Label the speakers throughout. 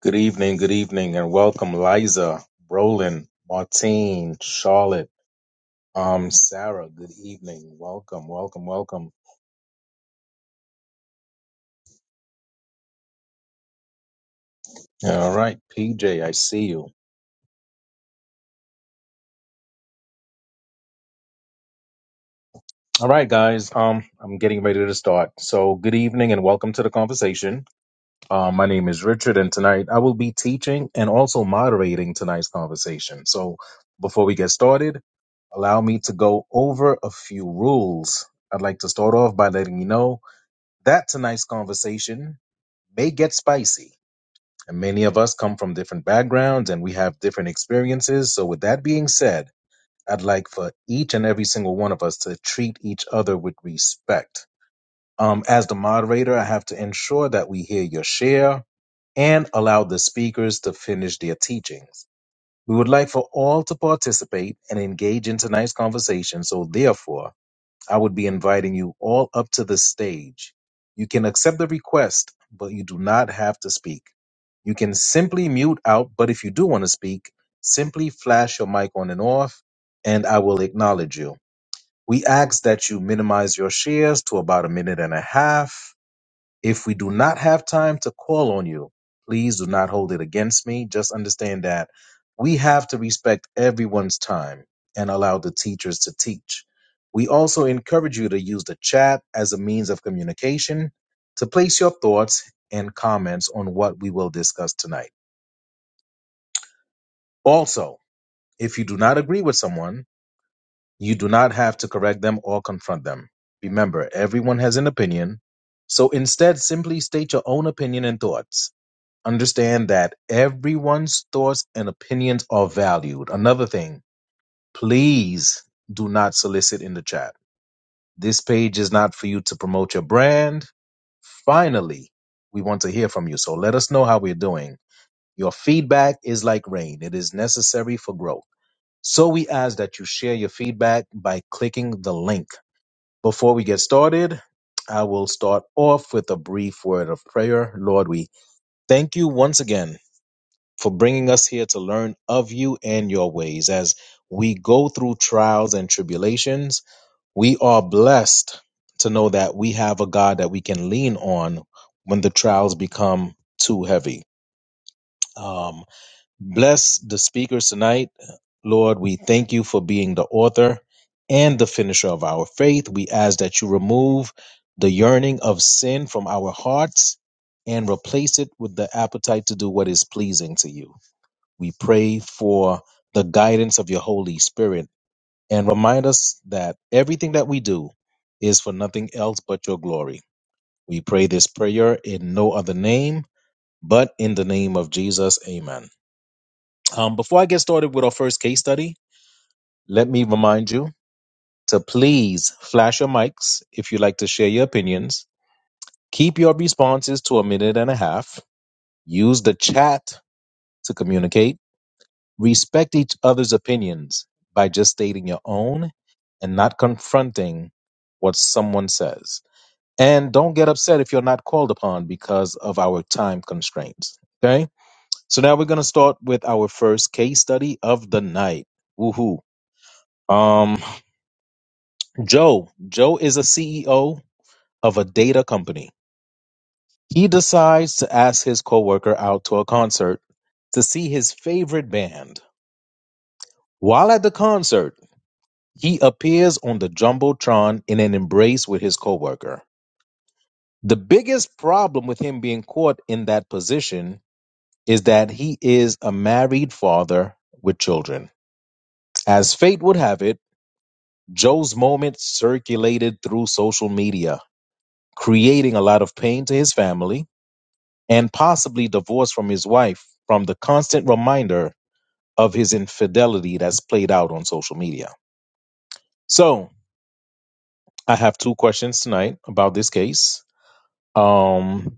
Speaker 1: Good evening, good evening, and welcome, Liza, Roland, Martine, Charlotte, um, Sarah. Good evening, welcome, welcome, welcome. All right, PJ, I see you. All right, guys, um, I'm getting ready to start. So, good evening, and welcome to the conversation. Uh, my name is Richard, and tonight I will be teaching and also moderating tonight's conversation. So, before we get started, allow me to go over a few rules. I'd like to start off by letting you know that tonight's conversation may get spicy. And many of us come from different backgrounds and we have different experiences. So, with that being said, I'd like for each and every single one of us to treat each other with respect. Um, as the moderator, I have to ensure that we hear your share and allow the speakers to finish their teachings. We would like for all to participate and engage in tonight's conversation. So, therefore, I would be inviting you all up to the stage. You can accept the request, but you do not have to speak. You can simply mute out, but if you do want to speak, simply flash your mic on and off, and I will acknowledge you. We ask that you minimize your shares to about a minute and a half if we do not have time to call on you, please do not hold it against me. Just understand that we have to respect everyone's time and allow the teachers to teach. We also encourage you to use the chat as a means of communication to place your thoughts and comments on what we will discuss tonight. Also, if you do not agree with someone, you do not have to correct them or confront them. Remember, everyone has an opinion, so instead simply state your own opinion and thoughts. Understand that everyone's thoughts and opinions are valued. Another thing, please do not solicit in the chat. This page is not for you to promote your brand. Finally, we want to hear from you. So let us know how we're doing. Your feedback is like rain, it is necessary for growth. So we ask that you share your feedback by clicking the link. Before we get started, I will start off with a brief word of prayer. Lord, we thank you once again for bringing us here to learn of you and your ways. As we go through trials and tribulations, we are blessed to know that we have a God that we can lean on when the trials become too heavy. Um, bless the speakers tonight. Lord, we thank you for being the author and the finisher of our faith. We ask that you remove the yearning of sin from our hearts and replace it with the appetite to do what is pleasing to you. We pray for the guidance of your Holy Spirit and remind us that everything that we do is for nothing else but your glory. We pray this prayer in no other name but in the name of Jesus. Amen. Um, before I get started with our first case study, let me remind you to please flash your mics if you'd like to share your opinions. Keep your responses to a minute and a half. Use the chat to communicate Respect each other's opinions by just stating your own and not confronting what someone says. And don't get upset if you're not called upon because of our time constraints. Okay? So now we're going to start with our first case study of the night. Woohoo. Um Joe, Joe is a CEO of a data company. He decides to ask his coworker out to a concert to see his favorite band. While at the concert, He appears on the Jumbotron in an embrace with his coworker. The biggest problem with him being caught in that position is that he is a married father with children. As fate would have it, Joe's moment circulated through social media, creating a lot of pain to his family and possibly divorce from his wife from the constant reminder of his infidelity that's played out on social media. So, I have two questions tonight about this case. Um,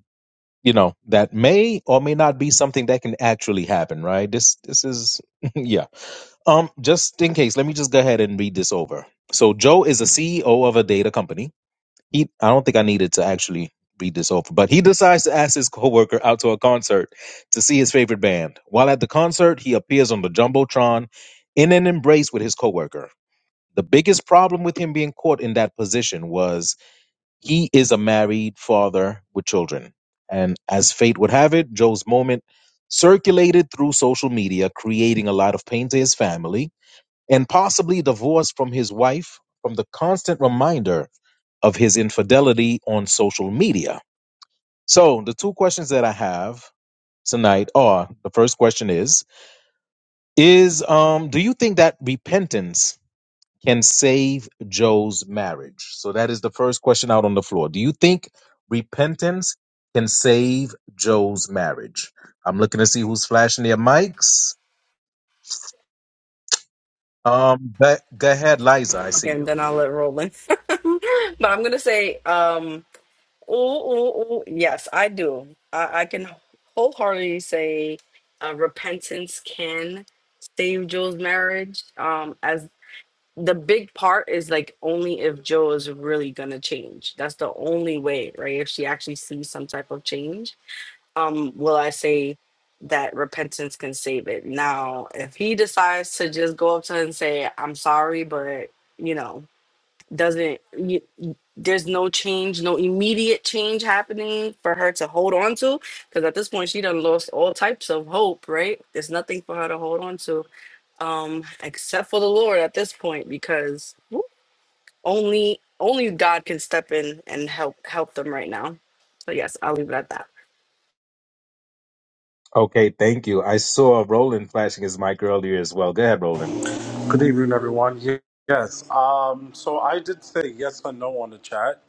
Speaker 1: you know that may or may not be something that can actually happen right this this is yeah um just in case let me just go ahead and read this over so joe is a ceo of a data company he i don't think i needed to actually read this over but he decides to ask his coworker out to a concert to see his favorite band while at the concert he appears on the jumbotron in an embrace with his coworker the biggest problem with him being caught in that position was he is a married father with children. And as fate would have it, Joe's moment circulated through social media, creating a lot of pain to his family and possibly divorce from his wife from the constant reminder of his infidelity on social media. So, the two questions that I have tonight are the first question is is um do you think that repentance can save Joe's marriage? So that is the first question out on the floor. Do you think repentance can save Joe's marriage? I'm looking to see who's flashing their mics. Um, but go ahead, Liza. I see
Speaker 2: Okay, and
Speaker 1: you.
Speaker 2: then I'll let it roll in. but I'm gonna say, um, ooh, ooh, ooh, yes, I do. I, I can wholeheartedly say, uh, repentance can save Joe's marriage. Um, as the big part is like only if Joe is really gonna change. That's the only way, right? If she actually sees some type of change, um, will I say that repentance can save it? Now, if he decides to just go up to her and say, "I'm sorry," but you know doesn't y there's no change no immediate change happening for her to hold on to because at this point she done lost all types of hope right there's nothing for her to hold on to um except for the lord at this point because woo, only only god can step in and help help them right now so yes i'll leave it at that
Speaker 1: Okay, thank you. I saw Roland flashing his mic earlier as well. Go ahead, Roland.
Speaker 3: Good evening, everyone. Ye- Yes. Um, so I did say yes or no on the chat.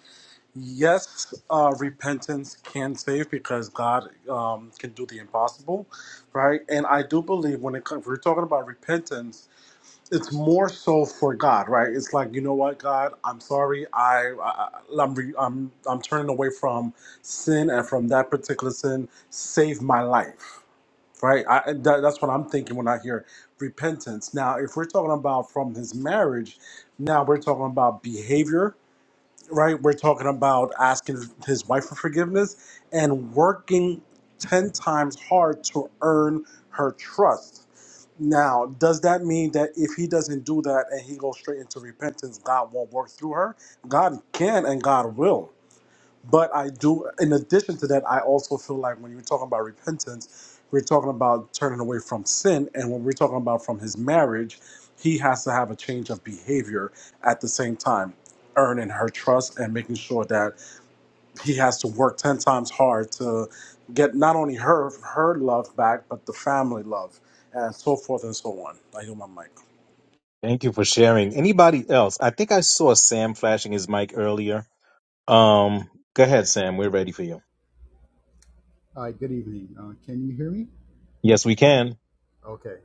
Speaker 3: Yes, uh, repentance can save because God um, can do the impossible, right? And I do believe when it comes, we're talking about repentance, it's more so for God, right? It's like you know what, God, I'm sorry. I, I I'm re, I'm I'm turning away from sin and from that particular sin. Save my life, right? I, and that, that's what I'm thinking when I hear repentance. Now, if we're talking about from his marriage, now we're talking about behavior, right? We're talking about asking his wife for forgiveness and working 10 times hard to earn her trust. Now, does that mean that if he doesn't do that and he goes straight into repentance, God won't work through her? God can and God will but I do, in addition to that, I also feel like when you're talking about repentance, we're talking about turning away from sin. And when we're talking about from his marriage, he has to have a change of behavior at the same time, earning her trust and making sure that he has to work 10 times hard to get not only her her love back, but the family love and so forth and so on. I hear my mic.
Speaker 1: Thank you for sharing. Anybody else? I think I saw Sam flashing his mic earlier. Um, go ahead, Sam. We're ready for you.
Speaker 4: Hi, good evening. Uh, can you hear me?
Speaker 1: Yes, we can.
Speaker 4: Okay.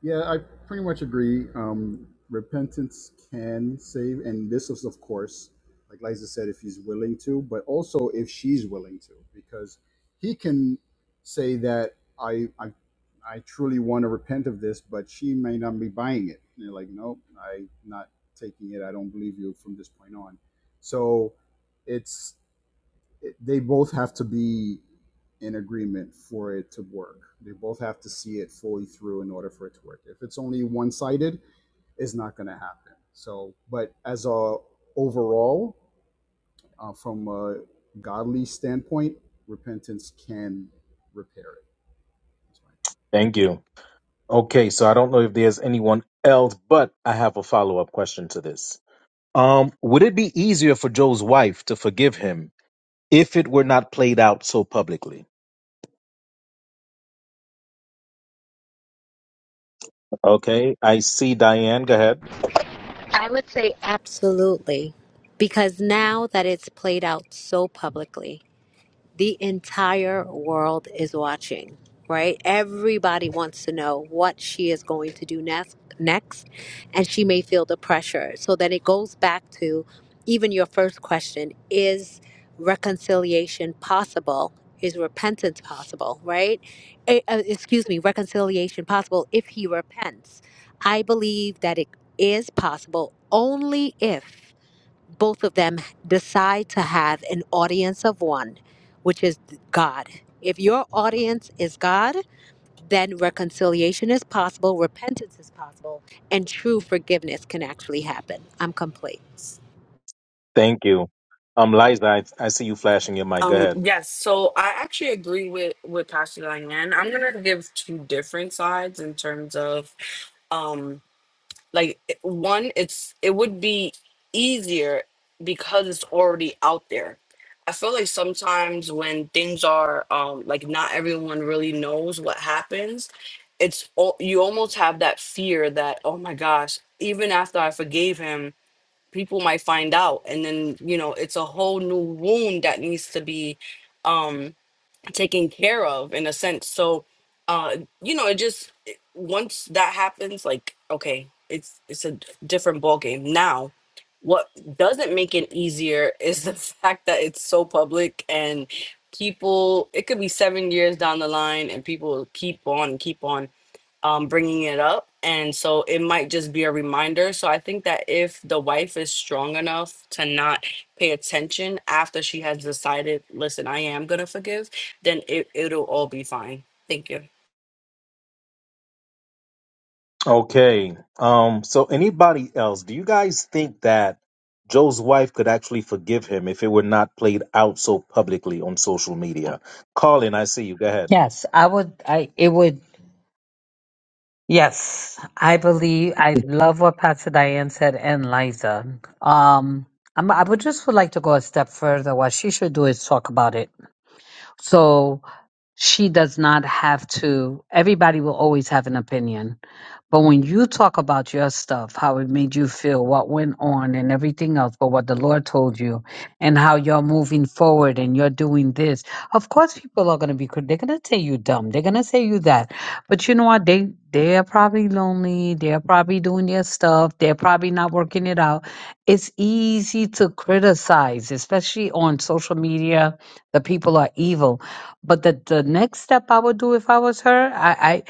Speaker 4: Yeah, I pretty much agree. Um, repentance can save, and this is, of course, like Liza said, if he's willing to, but also if she's willing to, because he can say that I, I, I truly want to repent of this, but she may not be buying it. And you're like, no, I'm not taking it. I don't believe you from this point on. So, it's they both have to be in agreement for it to work. They both have to see it fully through in order for it to work. If it's only one sided, it's not going to happen. So, but as a overall, uh, from a godly standpoint, repentance can repair it. That's my
Speaker 1: Thank you. Okay, so I don't know if there's anyone else, but I have a follow up question to this. Um, would it be easier for Joe's wife to forgive him if it were not played out so publicly? Okay, I see Diane. Go ahead.
Speaker 5: I would say absolutely, because now that it's played out so publicly, the entire world is watching, right? Everybody wants to know what she is going to do next, next, and she may feel the pressure. So then it goes back to even your first question is reconciliation possible? Is repentance possible, right? Eh, uh, excuse me, reconciliation possible if he repents. I believe that it is possible only if both of them decide to have an audience of one, which is God. If your audience is God, then reconciliation is possible, repentance is possible, and true forgiveness can actually happen. I'm complete.
Speaker 1: Thank you. Um, Liza, I, I see you flashing your mic. Go
Speaker 2: um
Speaker 1: ahead.
Speaker 2: yes so i actually agree with with pastor diane i'm gonna give two different sides in terms of um, like it- one it's it would be easier because it's already out there i feel like sometimes when things are um like not everyone really knows what happens it's all you almost have that fear that oh my gosh even after i forgave him people might find out and then you know it's a whole new wound that needs to be um, taken care of in a sense. So, uh, you know, it just it- once that happens, like okay, it's it's a d- different ball game now. What doesn't make it easier is the fact that it's so public and people. It could be seven years down the line, and people will keep on, keep on um, bringing it up. And so it might just be a reminder. So I think that if the wife is strong enough to not pay attention after she has decided, listen, I am going to forgive, then it, it'll all be fine. Thank you.
Speaker 1: Okay. Um, so anybody else, do you guys think that Joe's wife could actually forgive him if it were not played out so publicly on social media? Colin, I see you. Go ahead.
Speaker 6: Yes, I would. I it would. Yes, I believe. I love what Pastor Diane said and Liza. Um, I'm, I would just would like to go a step further. What she should do is talk about it. So she does not have to. Everybody will always have an opinion. But when you talk about your stuff, how it made you feel, what went on, and everything else, but what the Lord told you, and how you're moving forward and you're doing this, of course, people are going to be, crit- they're going to say you dumb. They're going to say you that. But you know what? They, they're probably lonely. They're probably doing their stuff. They're probably not working it out. It's easy to criticize, especially on social media. The people are evil. But the, the next step I would do if I was her, I,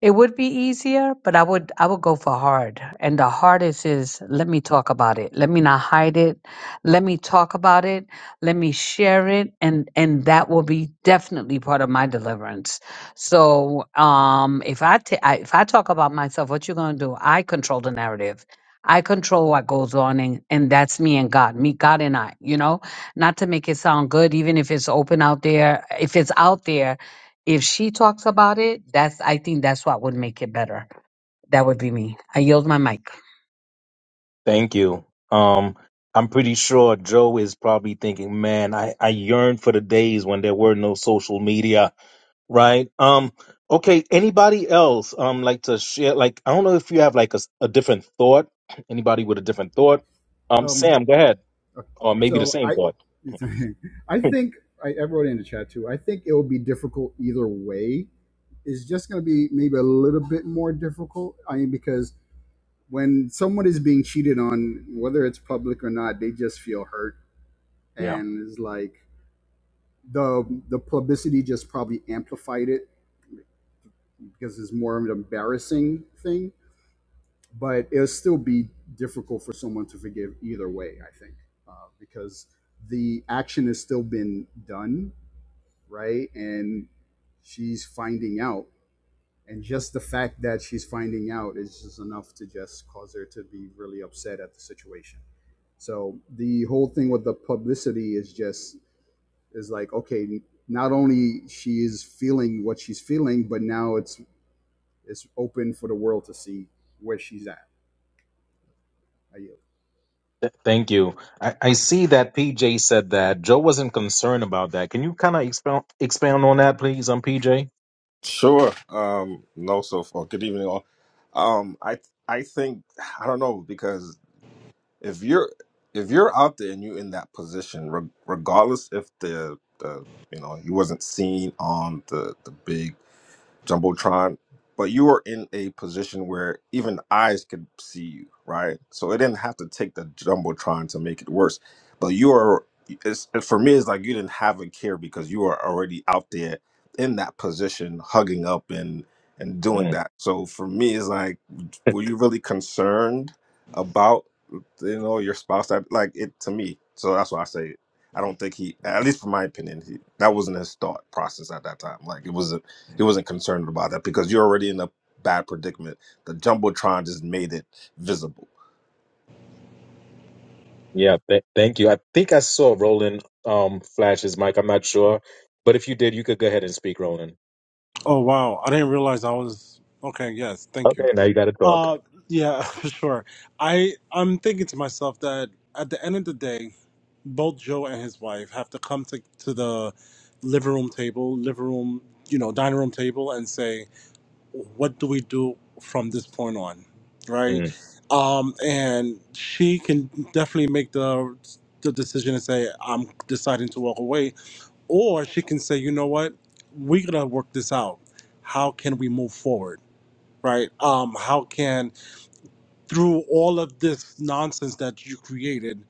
Speaker 6: it would be easier, but I would I would go for hard. And the hardest is let me talk about it. Let me not hide it. Let me talk about it. Let me share it and and that will be definitely part of my deliverance. So, um if I ta- I- if I talk about myself, what you going to do? I control the narrative. I control what goes on and, and that's me and God, me, God and I, you know, not to make it sound good, even if it's open out there, if it's out there, if she talks about it, that's I think that's what would make it better. That would be me. I yield my mic.
Speaker 1: Thank you. Um, I'm pretty sure Joe is probably thinking, man, I, I yearn for the days when there were no social media, right? Um, okay, anybody else um like to share like I don't know if you have like a, s- a different thought. Anybody with a different thought? Um,
Speaker 4: Um,
Speaker 1: Sam, go ahead. Or maybe the
Speaker 4: so
Speaker 1: same
Speaker 4: I,
Speaker 1: thought.
Speaker 4: I think I, I wrote it in the chat too. I think it will be difficult either way. It's just going to be maybe a little bit more difficult. I mean, because when someone is being cheated on, whether it's public or not, they just feel hurt,
Speaker 1: yeah.
Speaker 4: and it's like the the publicity just probably amplified it because it's more of an embarrassing thing. But it'll still be difficult for someone to forgive either way, I think, uh, because the action has still been done, right? And she's finding out, and just the fact that she's finding out is just enough to just cause her to be really upset at the situation. So the whole thing with the publicity is just is like okay, not only she is feeling what she's feeling, but now it's it's open for the world to see where she's at. Are you?
Speaker 1: Th- Thank you. I, I see that PJ said that. Joe wasn't concerned about that. Can you kind of expound expound on that, please, on PJ?
Speaker 7: Sure. Um, no, so far. Good evening, all. Um, I I think I don't know because if you're if you're out there and you're in that position, re- regardless if the the you know he wasn't seen on the the big jumbotron but you were in a position where even eyes could see you right so it didn't have to take the jumbotron to make it worse but you are it's, for me it's like you didn't have a care because you are already out there in that position hugging up and and doing
Speaker 1: Mm.
Speaker 7: that so for me it's like were you really concerned about you know your spouse that like it to me so that's why i say i don't think he at least from my opinion he, that wasn't his thought process at that time like it was he wasn't concerned about that because you're already in a bad predicament. The jumbotron just made it visible.
Speaker 1: Yeah, th- thank you. I think I saw Roland um, flash his mic. I'm not sure. But if you did, you could go ahead and speak, Roland.
Speaker 3: Oh, wow. I didn't realize I was. Okay, yes. Thank you.
Speaker 1: Okay, now you got to talk.
Speaker 3: Uh, yeah, sure. I I'm thinking to myself that at the end of the day, both Joe and his wife have to come to to the living room table, living room, you know, dining room table, and say, what do we do from this point on, right?
Speaker 1: Mm.
Speaker 3: Um, and she can definitely make the the decision and say, I'm deciding to walk away, or she can say, you know what, we're gonna work this out. How can we move forward, right? Um, how can through all of this nonsense that you created,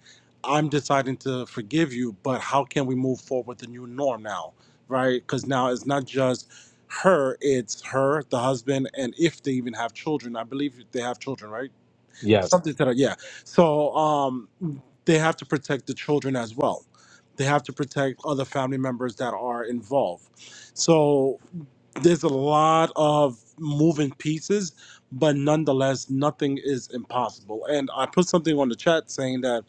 Speaker 3: I'm deciding to forgive you, but how can we move forward with the new norm now, right? Because now it's not just her, it's her, the husband, and if they even have children, I believe they have children, right?
Speaker 1: Yes.
Speaker 3: Something to that, yeah. So um, they have to protect the children as well. They have to protect other family members that are involved. So there's a lot of moving pieces, but nonetheless, nothing is impossible. And I put something on the chat saying that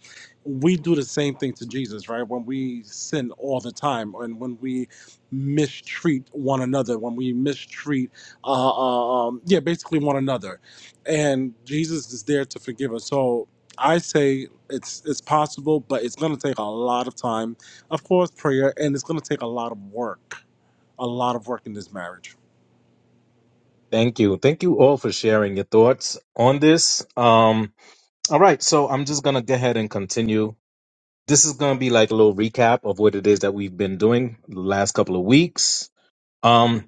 Speaker 3: we do the same thing to Jesus, right? When we sin all the time, and when we mistreat one another, when we mistreat, uh, uh, um, yeah, basically one another, and Jesus is there to forgive us. So. I say it's it's possible, but it's gonna take a lot of time, of course, prayer, and it's gonna take a lot of work, a lot of work in this marriage.
Speaker 1: Thank you. Thank you all for sharing your thoughts on this. Um, all right, so I'm just going to go ahead and continue. This is going to be like a little recap of what it is that we've been doing the last couple of weeks. Um,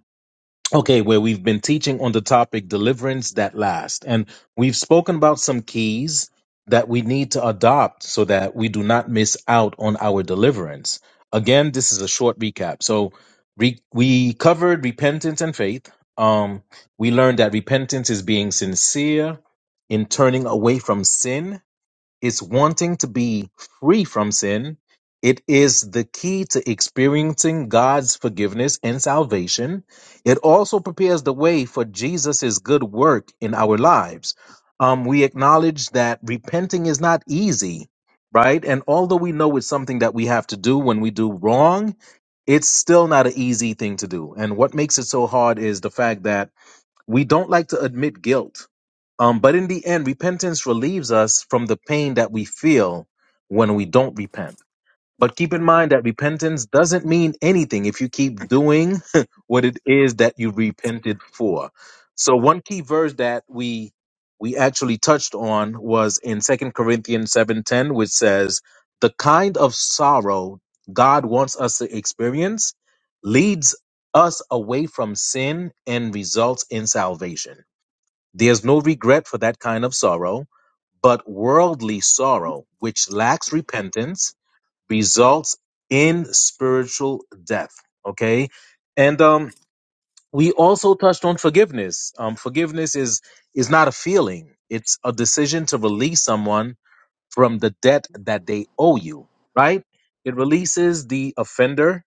Speaker 1: Okay, where we've been teaching on the topic deliverance that lasts. And we've spoken about some keys that we need to adopt so that we do not miss out on our deliverance. Again, this is a short recap. So re- we covered repentance and faith. Um, we learned that repentance is being sincere in turning away from sin it's wanting to be free from sin. It is the key to experiencing God's forgiveness and salvation. It also prepares the way for Jesus' good work in our lives. Um, we acknowledge that repenting is not easy, right? And although we know it's something that we have to do when we do wrong, it's still not an easy thing to do. And what makes it so hard is the fact that we don't like to admit guilt. Um, but in the end, repentance relieves us from the pain that we feel when we don't repent. But keep in mind that repentance doesn't mean anything if you keep doing what it is that you repented for. So one key verse that we we actually touched on was in Second Corinthians 7:10 which says the kind of sorrow God wants us to experience leads us away from sin and results in salvation. There's no regret for that kind of sorrow, but worldly sorrow which lacks repentance results in spiritual death. Okay. And um, we also touched on forgiveness. Um, forgiveness is is not a feeling; it's a decision to release someone from the debt that they owe you. Right? It releases the offender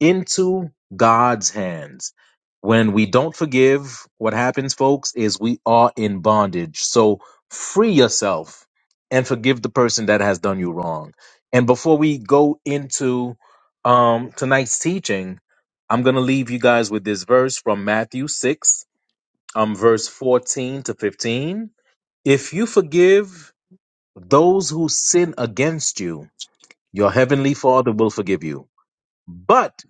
Speaker 1: into God's hands. When we don't forgive, what happens, folks, is we are in bondage. So free yourself and forgive the person that has done you wrong. And before we go into um, tonight's teaching, I'm going to leave you guys with this verse from Matthew 6, um, verse 14 to 15. If you forgive those who sin against you, your heavenly Father will forgive you. But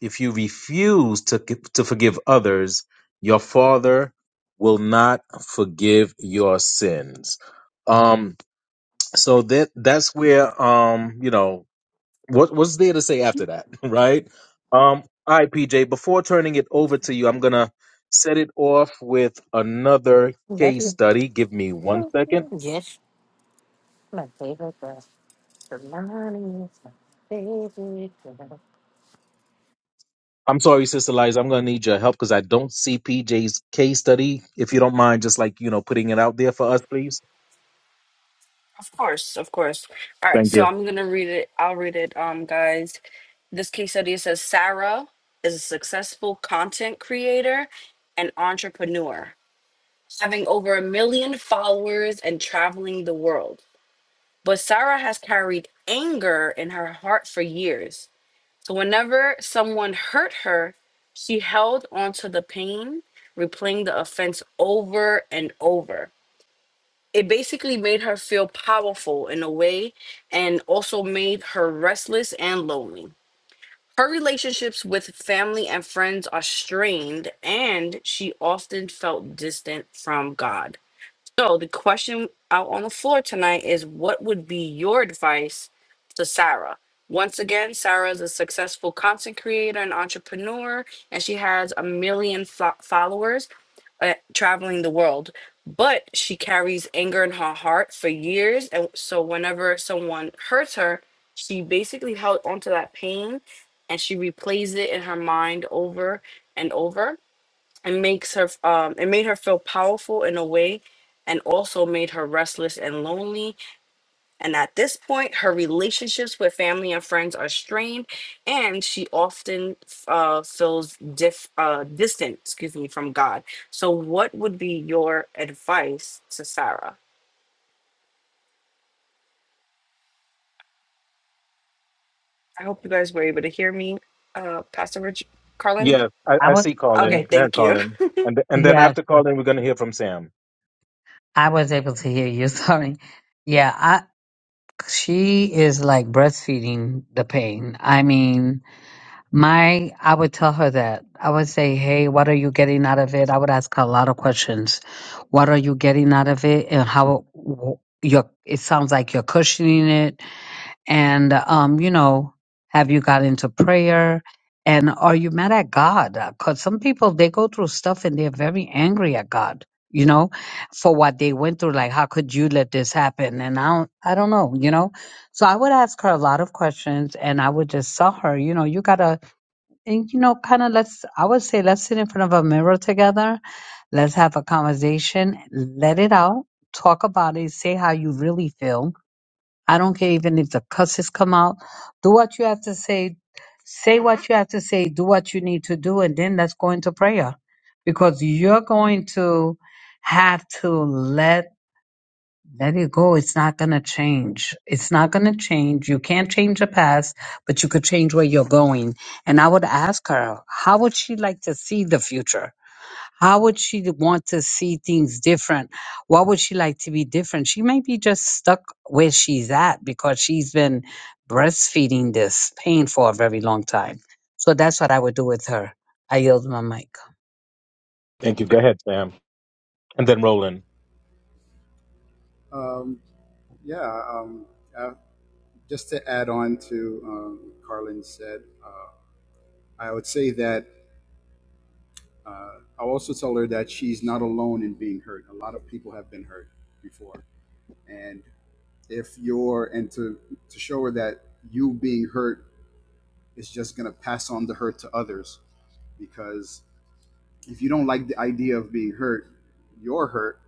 Speaker 1: if you refuse to, to forgive others, your father will not forgive your sins. Um, so that that's where um, you know, what what's there to say after that, right? Um, all right, PJ, before turning it over to you, I'm gonna set it off with another
Speaker 8: Love
Speaker 1: case
Speaker 8: you.
Speaker 1: study. Give me one second.
Speaker 8: Yes, my favorite girl. The money is my favorite girl.
Speaker 1: I'm sorry, Sister Liza, I'm gonna need your help because I don't see PJ's case study. If you don't mind, just like you know, putting it out there for us, please.
Speaker 2: Of course, of course. All right,
Speaker 1: Thank you.
Speaker 2: so I'm gonna read it. I'll read it, um, guys. This case study says Sarah is a successful content creator and entrepreneur, having over a million followers and traveling the world. But Sarah has carried anger in her heart for years. So whenever someone hurt her, she held onto the pain, replaying the offense over and over. It basically made her feel powerful in a way and also made her restless and lonely. Her relationships with family and friends are strained, and she often felt distant from God. So the question out on the floor tonight is what would be your advice to Sarah? Once again, Sarah is a successful content creator and entrepreneur, and she has a million fo- followers uh, traveling the world. But she carries anger in her heart for years. And so whenever someone hurts her, she basically held onto that pain and she replays it in her mind over and over it makes her um it made her feel powerful in a way and also made her restless and lonely. And at this point, her relationships with family and friends are strained, and she often uh, feels diff, uh, distant, excuse me, from God. So, what would be your advice to Sarah? I hope you guys were able to hear me, uh, Pastor Rich
Speaker 1: Yeah,
Speaker 2: Carlini.
Speaker 1: I,
Speaker 6: I
Speaker 1: I
Speaker 6: was
Speaker 1: see
Speaker 6: yeah.
Speaker 1: Colin.
Speaker 2: Okay,
Speaker 1: Go ahead,
Speaker 2: thank you.
Speaker 1: Colin. And th- and then
Speaker 6: yeah,
Speaker 1: after Colin, we're going to hear from Sam.
Speaker 6: I was able to hear you. Sorry. Yeah, I she is like breastfeeding the pain. I mean, my I would tell her that. I would say, "Hey, what are you getting out of it?" I would ask her a lot of questions. What are you getting out of it and how your it sounds like you're cushioning it and um, you know, have you got into prayer? And are you mad at God? Because some people they go through stuff and they're very angry at God. You know, for what they went through, like how could you let this happen? And I don't, I don't know. You know, so I would ask her a lot of questions, and I would just tell her, you know, you gotta, and you know, kind of let's, I would say, let's sit in front of a mirror together, let's have a conversation, let it out, talk about it, say how you really feel, I don't care even if the curses come out. Do what you have to say. Say what you have to say. Do what you need to do. And then let's go into prayer because you're going to have to let, let it go. It's not going to change. It's not going to change. You can't change the past, but you could change where you're going. And I would ask her, how would she like to see the future? How would she want to see things different? What would she like to be different? She may be just stuck where she's at because she's been breastfeeding this pain for a very long time. So that's what I would do with her. I yield my mic.
Speaker 1: Thank you. Go ahead, Sam. And then Roland.
Speaker 4: Um, yeah, um, uh, just to add on to um, Carlin said, uh, I would say that uh, I'll also tell her that she's not alone in being hurt. A lot of people have been hurt before, and if you're and to to show her that you being hurt is just going to pass on the hurt to others because if you don't like the idea of being hurt, your hurt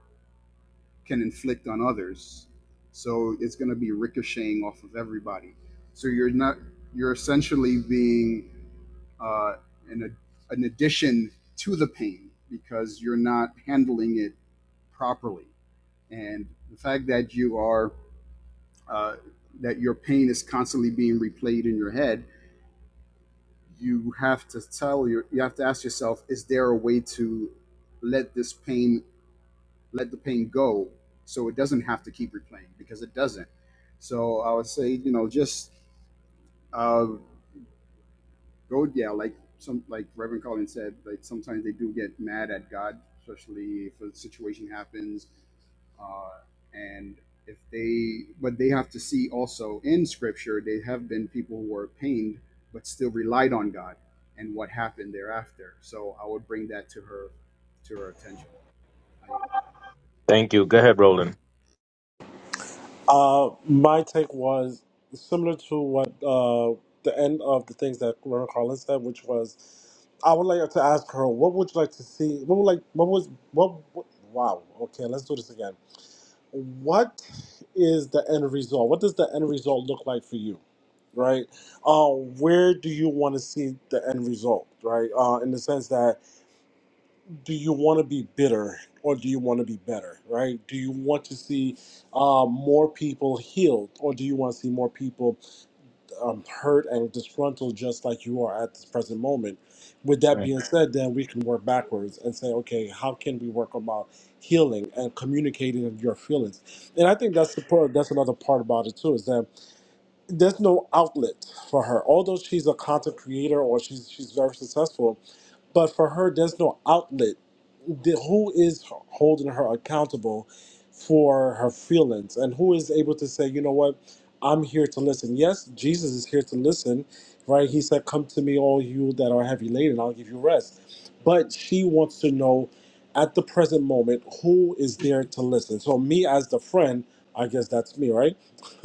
Speaker 4: can inflict on others. So it's going to be ricocheting off of everybody. So you're not you're essentially being uh, an an addition to the pain because you're not handling it properly. And the fact that you are uh, that your pain is constantly being replayed in your head you have to tell your you have to ask yourself is there a way to let this pain let the pain go so it doesn't have to keep replaying because it doesn't so i would say you know just uh, go yeah like some like reverend colin said like sometimes they do get mad at god especially if a situation happens uh, and if they but they have to see also in scripture they have been people who were pained but still relied on god and what happened thereafter so i would bring that to her to her attention
Speaker 1: Thank you. Go ahead, Roland.
Speaker 3: Uh, my take was similar to what uh, the end of the things that Reverend Carlin said, which was, I would like to ask her, what would you like to see? What would like? What was? What? what wow. Okay, let's do this again. What is the end result? What does the end result look like for you? Right? Uh, where do you want to see the end result? Right? Uh, in the sense that do you want to be bitter or do you want to be better right do you want to see uh, more people healed or do you want to see more people um, hurt and disgruntled just like you are at this present moment with that
Speaker 1: Mm.
Speaker 3: being said then we can work backwards and say okay how can we work about healing and communicating your feelings and i think that's the part that's another part about it too is that there's no outlet for her although she's a content creator or she's she's very successful but for her there's no outlet the, who is holding her accountable for her feelings and who is able to say you know what i'm here to listen yes jesus is here to listen right he said come to me all you that are heavy laden i'll give you rest but she wants to know at the present moment who is there to listen so me as the friend i guess that's me right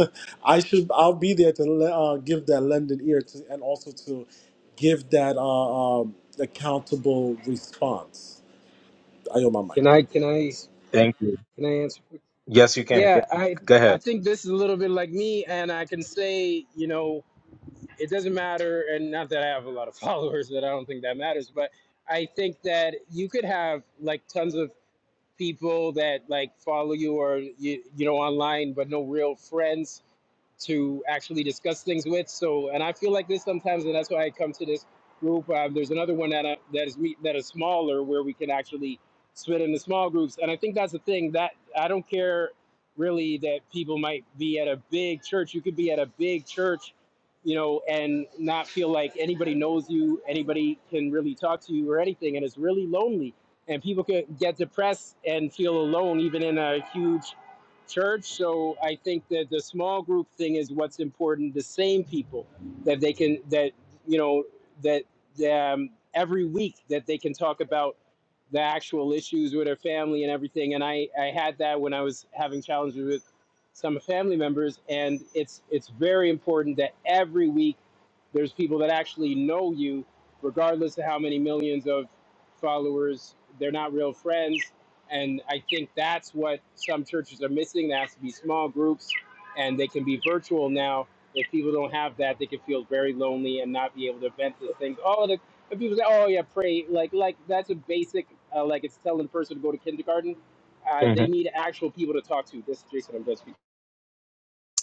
Speaker 3: i should i'll be there to le- uh, give that lending ear to and also to give that uh, um, accountable response I owe my mic.
Speaker 9: Can I can I
Speaker 1: Thank you.
Speaker 9: can I answer?
Speaker 1: Yes, you can. Go
Speaker 9: Yeah, I
Speaker 1: go
Speaker 9: I
Speaker 1: ahead.
Speaker 9: think this is a little bit like me, and I can say you know it doesn't matter, and not that I have a lot of followers, that I don't think that matters, but I think that you could have like tons of people that like follow you or you you know online, but no real friends to actually discuss things with. So, and I feel like this sometimes, and that's why I come to this group. Uh, there's another one that uh, that is meet that is smaller where we can actually split into small groups. And I think that's the thing that I don't care really that people might be at a big church. You could be at a big church, you know, and not feel like anybody knows you, anybody can really talk to you or anything, and it's really lonely. And people can get depressed and feel alone, even in a huge church. So I think that the small group thing is what's important. The same people that they can that you know that um, every week that they can talk about the actual issues with their family and everything. And I I had that when I was having challenges with some family members, and it's it's very important that every week there's people that actually know you, regardless of how many millions of followers. They're not real friends and I think that's what some churches are missing. There has to be small groups, and they can be virtual now. If people don't have that, they can feel very lonely and not be able to vent this thing. Oh, the, if people say, "Oh yeah, pray," like like that's a basic, uh, like it's telling a person to go to kindergarten. Uh, they need actual people to talk to. This is Jason. I'm just speaking.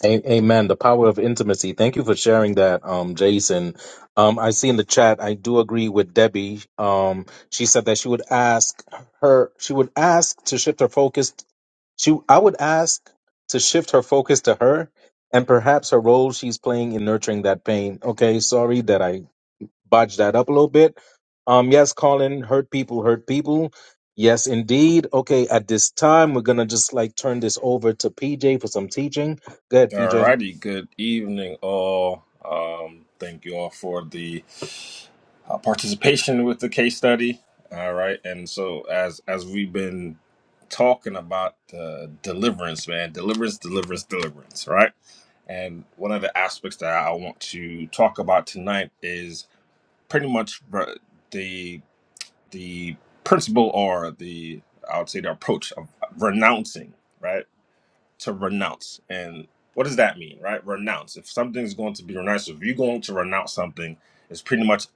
Speaker 1: A- Amen. The power of intimacy. Thank you for sharing that, um, Jason. Um, I see in the chat. I do agree with Debbie. Um, she said that she would ask her. She would ask to shift her focus. She. I would ask to shift her focus to her and perhaps her role she's playing in nurturing that pain. Okay. Sorry that I botched that up a little bit. Um, yes, Colin. Hurt people. Hurt people. Yes, indeed. Okay. At this time, we're gonna just like turn this over to PJ for some teaching. Go ahead, PJ.
Speaker 7: Alrighty, good evening, all. Um, thank you all for the uh, participation with the case study. All right, and so as as we've been talking about uh, deliverance, man, deliverance, deliverance, deliverance, right? And one of the aspects that I want to talk about tonight is pretty much uh, the the principle or the I would say the approach of renouncing, right? To renounce. And what does that mean, right? Renounce. If something's going to be renounced, if you're going to renounce something, it's pretty much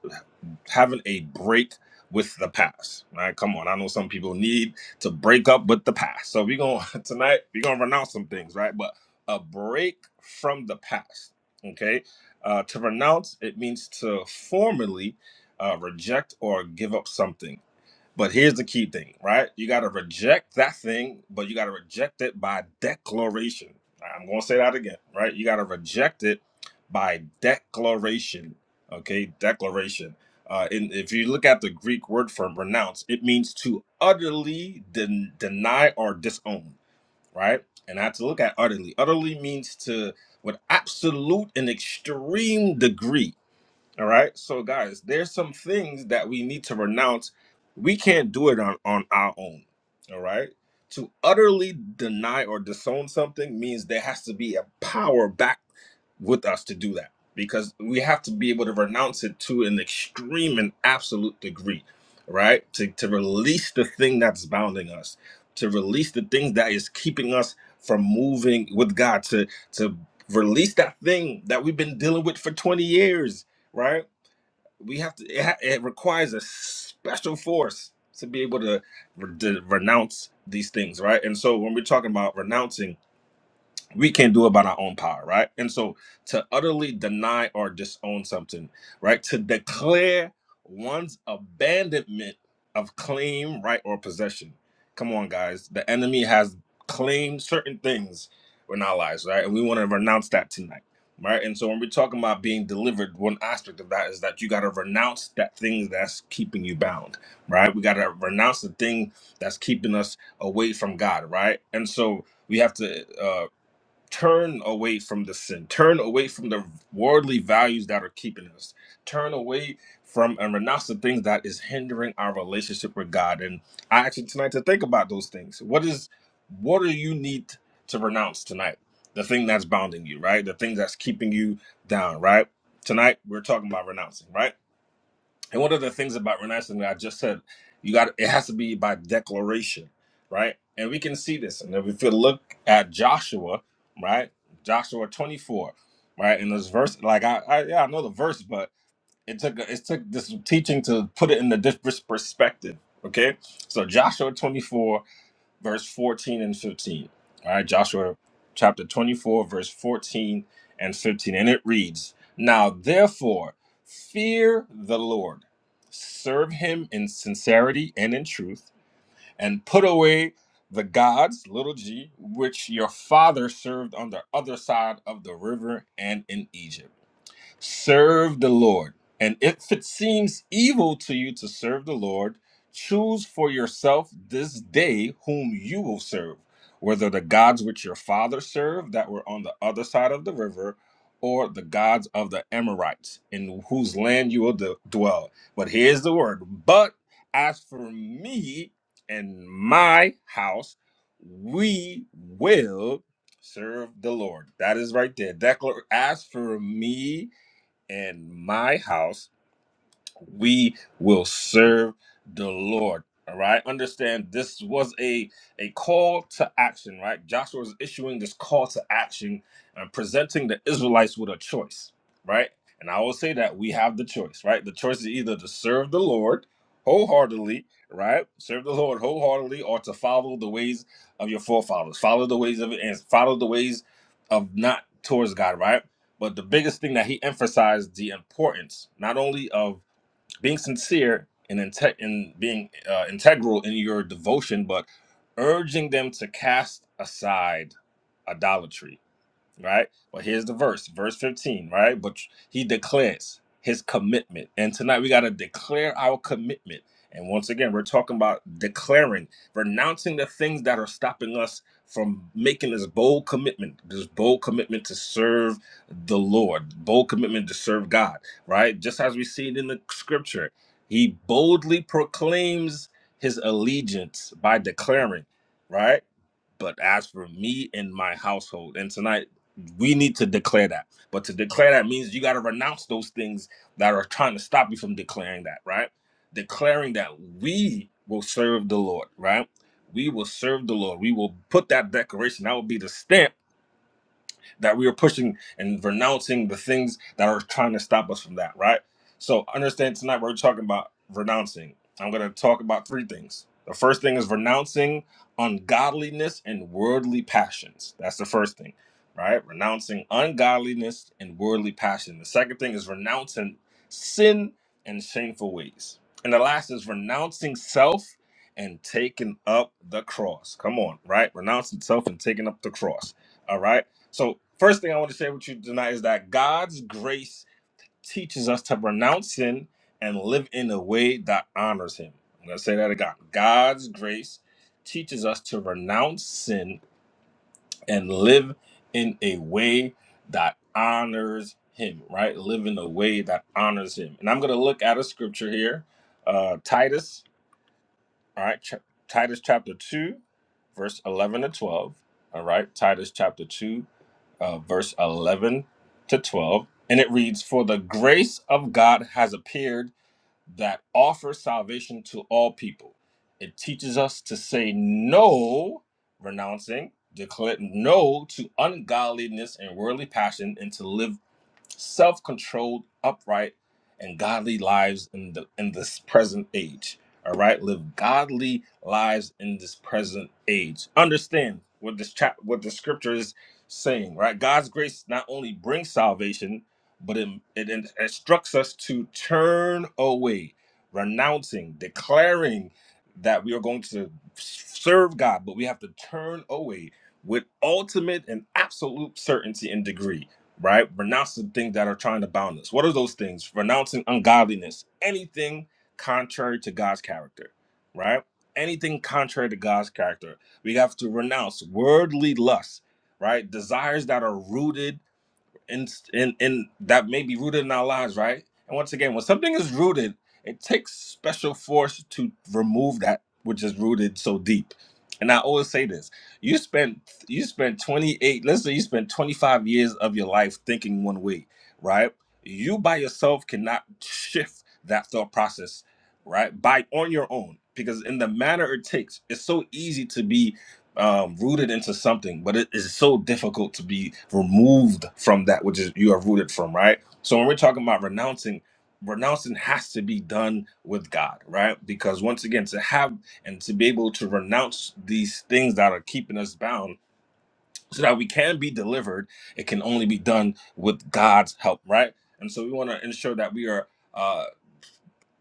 Speaker 7: having a break with the past. Right? Come on. I know some people need to break up with the past. So we're gonna tonight, we're gonna renounce some things, right? But a break from the past. Okay. Uh, to renounce, it means to formally uh, reject or give up something but here's the key thing, right? You got to reject that thing, but you got to reject it by declaration. I'm going to say that again, right? You got to reject it by declaration. Okay, declaration. Uh, and if you look at the Greek word for renounce, it means to utterly den- deny or disown, right? And I have to look at utterly. Utterly means to, with absolute and extreme degree all right. So, guys, there's some things that we need to renounce. We can't do it on, on our own. All right. To utterly deny or disown something means there has to be a power back with us to do that because we have to be able to renounce it to an extreme and absolute degree, right? To, to release the thing that's bounding us, to release the thing that is keeping us from moving with God, to, to release that thing that we've been dealing with for 20 years right? We have to. It, ha- it requires a special force to be able to, re- to renounce these things, right? And so when we're talking about renouncing we can't do it by our own power, right? And so to utterly deny or disown something, right? To declare one's abandonment of claim, right, or possession. Come on, guys. The enemy has claimed certain things in our lives, right? And we want to renounce that tonight. Right. And so when we're talking about being delivered, one aspect of that is that you got to renounce that thing that's keeping you bound. Right. We got to renounce the thing that's keeping us away from God. Right. And so we have to. uh, turn away from the sin turn away from the worldly values that are keeping us turn away from and renounce the things that is hindering our relationship with god and i actually tonight to think about those things what is what do you need to renounce tonight the thing that's bounding you right the thing that's keeping you down right tonight we're talking about renouncing right and one of the things about renouncing, I just said, you got it has to be by declaration, right? And we can see this. And if you look at Joshua, right, Joshua twenty four, right, and this verse, like I, I yeah, I know the verse, but it took it took this teaching to put it in a different perspective. Okay, so Joshua 24 verse 14 and 15. All right, Joshua chapter 24, verse 14 and 15. And it reads Now therefore, fear the Lord, serve him in sincerity and in truth, and put away the gods, little g, which your father served on the other side of the river and in Egypt. Serve the Lord. And if it seems evil to you to serve the Lord, choose for yourself this day whom you will serve, whether the gods which your father served that were on the other side of the river, or the gods of the Amorites, in whose land you will d- dwell. But here's the word But as for me and my house, we will serve the Lord. That is right there. Declar- as for me in my house we will serve the Lord. All right. Understand this was a a call to action, right? Joshua is issuing this call to action and presenting the Israelites with a choice, right? And I will say that we have the choice, right? The choice is either to serve the Lord wholeheartedly, right? Serve the Lord wholeheartedly, or to follow the ways of your forefathers, follow the ways of and follow the ways of not towards God, right? But the biggest thing that he emphasized the importance not only of being sincere and inte- and being uh, integral in your devotion, but urging them to cast aside idolatry right? Well, here's the verse, verse 15, right? But he declares his commitment. And tonight we got to declare our commitment. And once again, we're talking about declaring, renouncing the things that are stopping us from making this bold commitment, this bold commitment to serve the Lord, bold commitment to serve God, right? Just as we see it in the scripture, he boldly proclaims his allegiance by declaring, right? But as for me and my household, and tonight we need to declare that. But to declare that means you got to renounce those things that are trying to stop you from declaring that, right? Declaring that we will serve the Lord, right? We will serve the Lord. We will put that declaration. That will be the stamp that we are pushing and renouncing the things that are trying to stop us from that, right? So understand tonight we're talking about renouncing. I'm going to talk about three things. The first thing is renouncing ungodliness and worldly passions. That's the first thing, right? Renouncing ungodliness and worldly passion. The second thing is renouncing sin and shameful ways. And the last is renouncing self and taking up the cross. Come on, right? Renouncing self and taking up the cross. All right. So, first thing I want to share with you tonight is that God's grace teaches us to renounce sin and live in a way that honors Him. I'm going to say that again. God's grace teaches us to renounce sin and live in a way that honors Him, right? Live in a way that honors Him. And I'm going to look at a scripture here, uh, Titus all right, Ch- Titus chapter 2, verse 11 to 12. All right, Titus chapter 2, uh, verse 11 to 12. And it reads, For the grace of God has appeared that offers salvation to all people. It teaches us to say no, renouncing, declare no to ungodliness and worldly passion, and to live self-controlled, upright, and godly lives in the in this present age. All right, live godly lives in this present age. Understand what this chap what the scripture is saying, right? God's grace not only brings salvation, but it, it instructs us to turn away, renouncing, declaring that we are going to serve God, but we have to turn away with ultimate and absolute certainty and degree right? Renounce the things that are trying to bound us. What are those things? Renouncing ungodliness, anything contrary to God's character, right? Anything contrary to God's character. We have to renounce worldly lust, right? Desires that are rooted and and and that may be rooted in our lives, right? And once again, when something is rooted, it takes special force to remove that which is rooted so deep. And I always say this: you spent you spent 28, let's say you spent 25 years of your life thinking one way, right? You by yourself cannot shift that thought process, right? By on your own, because in the manner it takes, it's so easy to be um, rooted into something, but it is so difficult to be removed from that which is you are rooted from, right? So when we're talking about renouncing, renouncing has to be done with God, right? Because once again, to have and to be able to renounce these things that are keeping us bound, so that we can be delivered, it can only be done with God's help, right? And so we want to ensure that we are. Uh,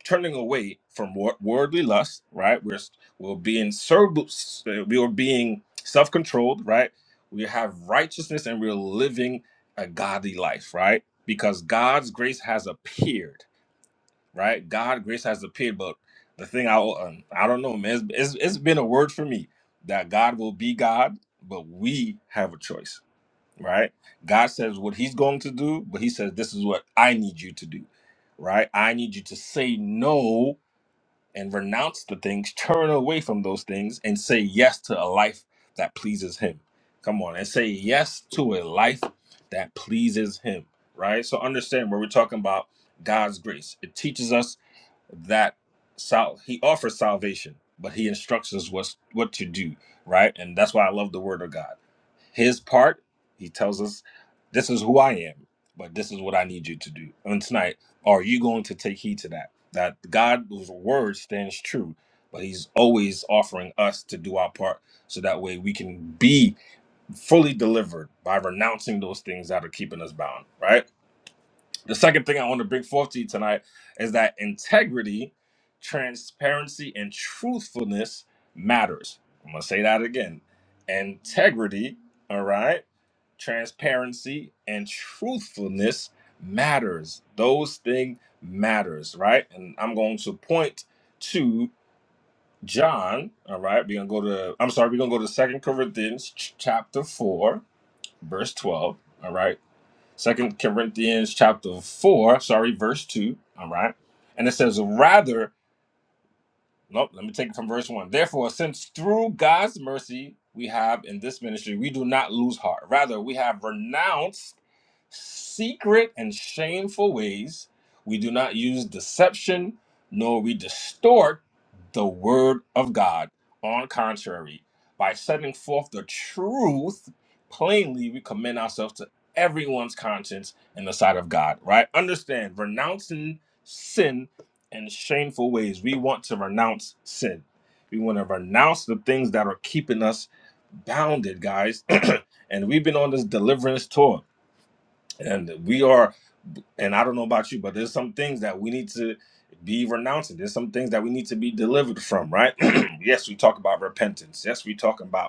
Speaker 7: turning away from wor- worldly lust, right? We're we're being serb- we are being self-controlled, right? We have righteousness and we're living a godly life, right? Because God's grace has appeared, right? God grace has appeared, but the thing I um, I don't know, man, it's, it's, it's been a word for me that God will be God, but we have a choice, right? God says what He's going to do, but He says this is what I need you to do, right? I need you to say no and renounce the things, turn away from those things, and say yes to a life that pleases Him. Come on, and say yes to a life that pleases Him, right? So understand when we're talking about God's grace, it teaches us that sal- He offers salvation, but He instructs us what's, what to do, right? And that's why I love the Word of God his part, he tells us, This is who I am, but this is what I need you to do. And tonight, are you going to take heed to that? That God's word stands true, but he's always offering us to do our part so that way we can be fully delivered by renouncing those things that are keeping us bound, right? The second thing I want to bring forth to you tonight is that integrity, transparency, and truthfulness matters. I'm going to say that again. Integrity, all right? transparency and truthfulness matters those things matters right and i'm going to point to john all right we're gonna go to i'm sorry we're gonna go to second corinthians ch- chapter 4 verse 12 all right second corinthians chapter 4 sorry verse 2 all right and it says rather Nope, let me take it from verse 1. Therefore, since through God's mercy we have in this ministry, we do not lose heart. Rather, we have renounced secret and shameful ways. We do not use deception, nor we distort the word of God. On contrary, by setting forth the truth plainly, we commend ourselves to everyone's conscience in the sight of God, right? Understand, renouncing sin and shameful ways. We want to renounce sin. We want to renounce the things that are keeping us bounded, guys. and we've been on this deliverance tour, and we are and I don't know about you, but there's some things that we need to be renouncing. There's some things that we need to be delivered from, right? yes, we talk about repentance. Yes, we talk about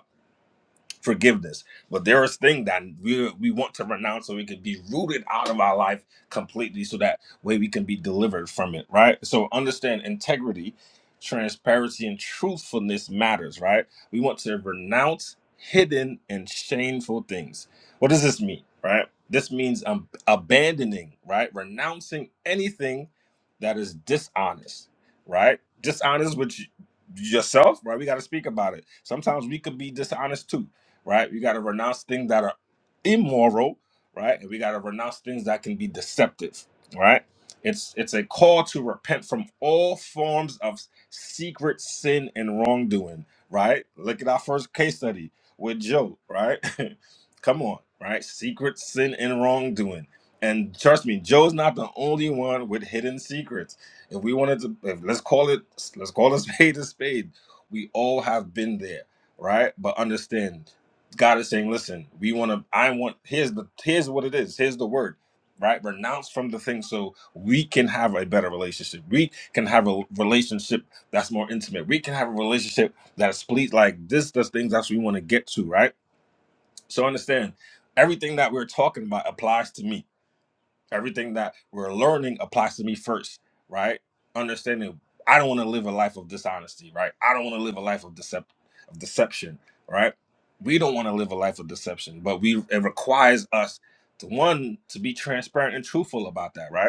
Speaker 7: forgiveness. But there is thing that we we want to renounce so we can be rooted out of our life completely so that way we can be delivered from it, right? So understand integrity, transparency, and truthfulness matters, right? We want to renounce hidden and shameful things. What does this mean, right? This means um, abandoning, right? Renouncing anything that is dishonest, right? Dishonest with y- yourself, right? We got to speak about it. Sometimes we could be dishonest too right? We got to renounce things that are immoral, right? And we got to renounce things that can be deceptive, right? It's it's a call to repent from all forms of secret sin and wrongdoing, right? Look at our first case study with Joe, right? Come on, right? Secret sin and wrongdoing. And trust me, Joe's not the only one with hidden secrets. If we wanted to, if, let's call it, let's call a spade a spade. We all have been there, right? But understand God is saying, listen, we want to, I want, here's the, here's what it is. Here's the word, right? Renounce from the thing so we can have a better relationship. We can have a relationship that's more intimate. We can have a relationship that's pleased. Like this, the things that we want to get to, right? So understand everything that we're talking about applies to me Everything that we're learning applies to me first, right? Understanding I don't want to live a life of dishonesty, right? I don't want to live a life of decep of deception, right? We don't want to live a life of deception, but we it requires us to one to be transparent and truthful about that, right?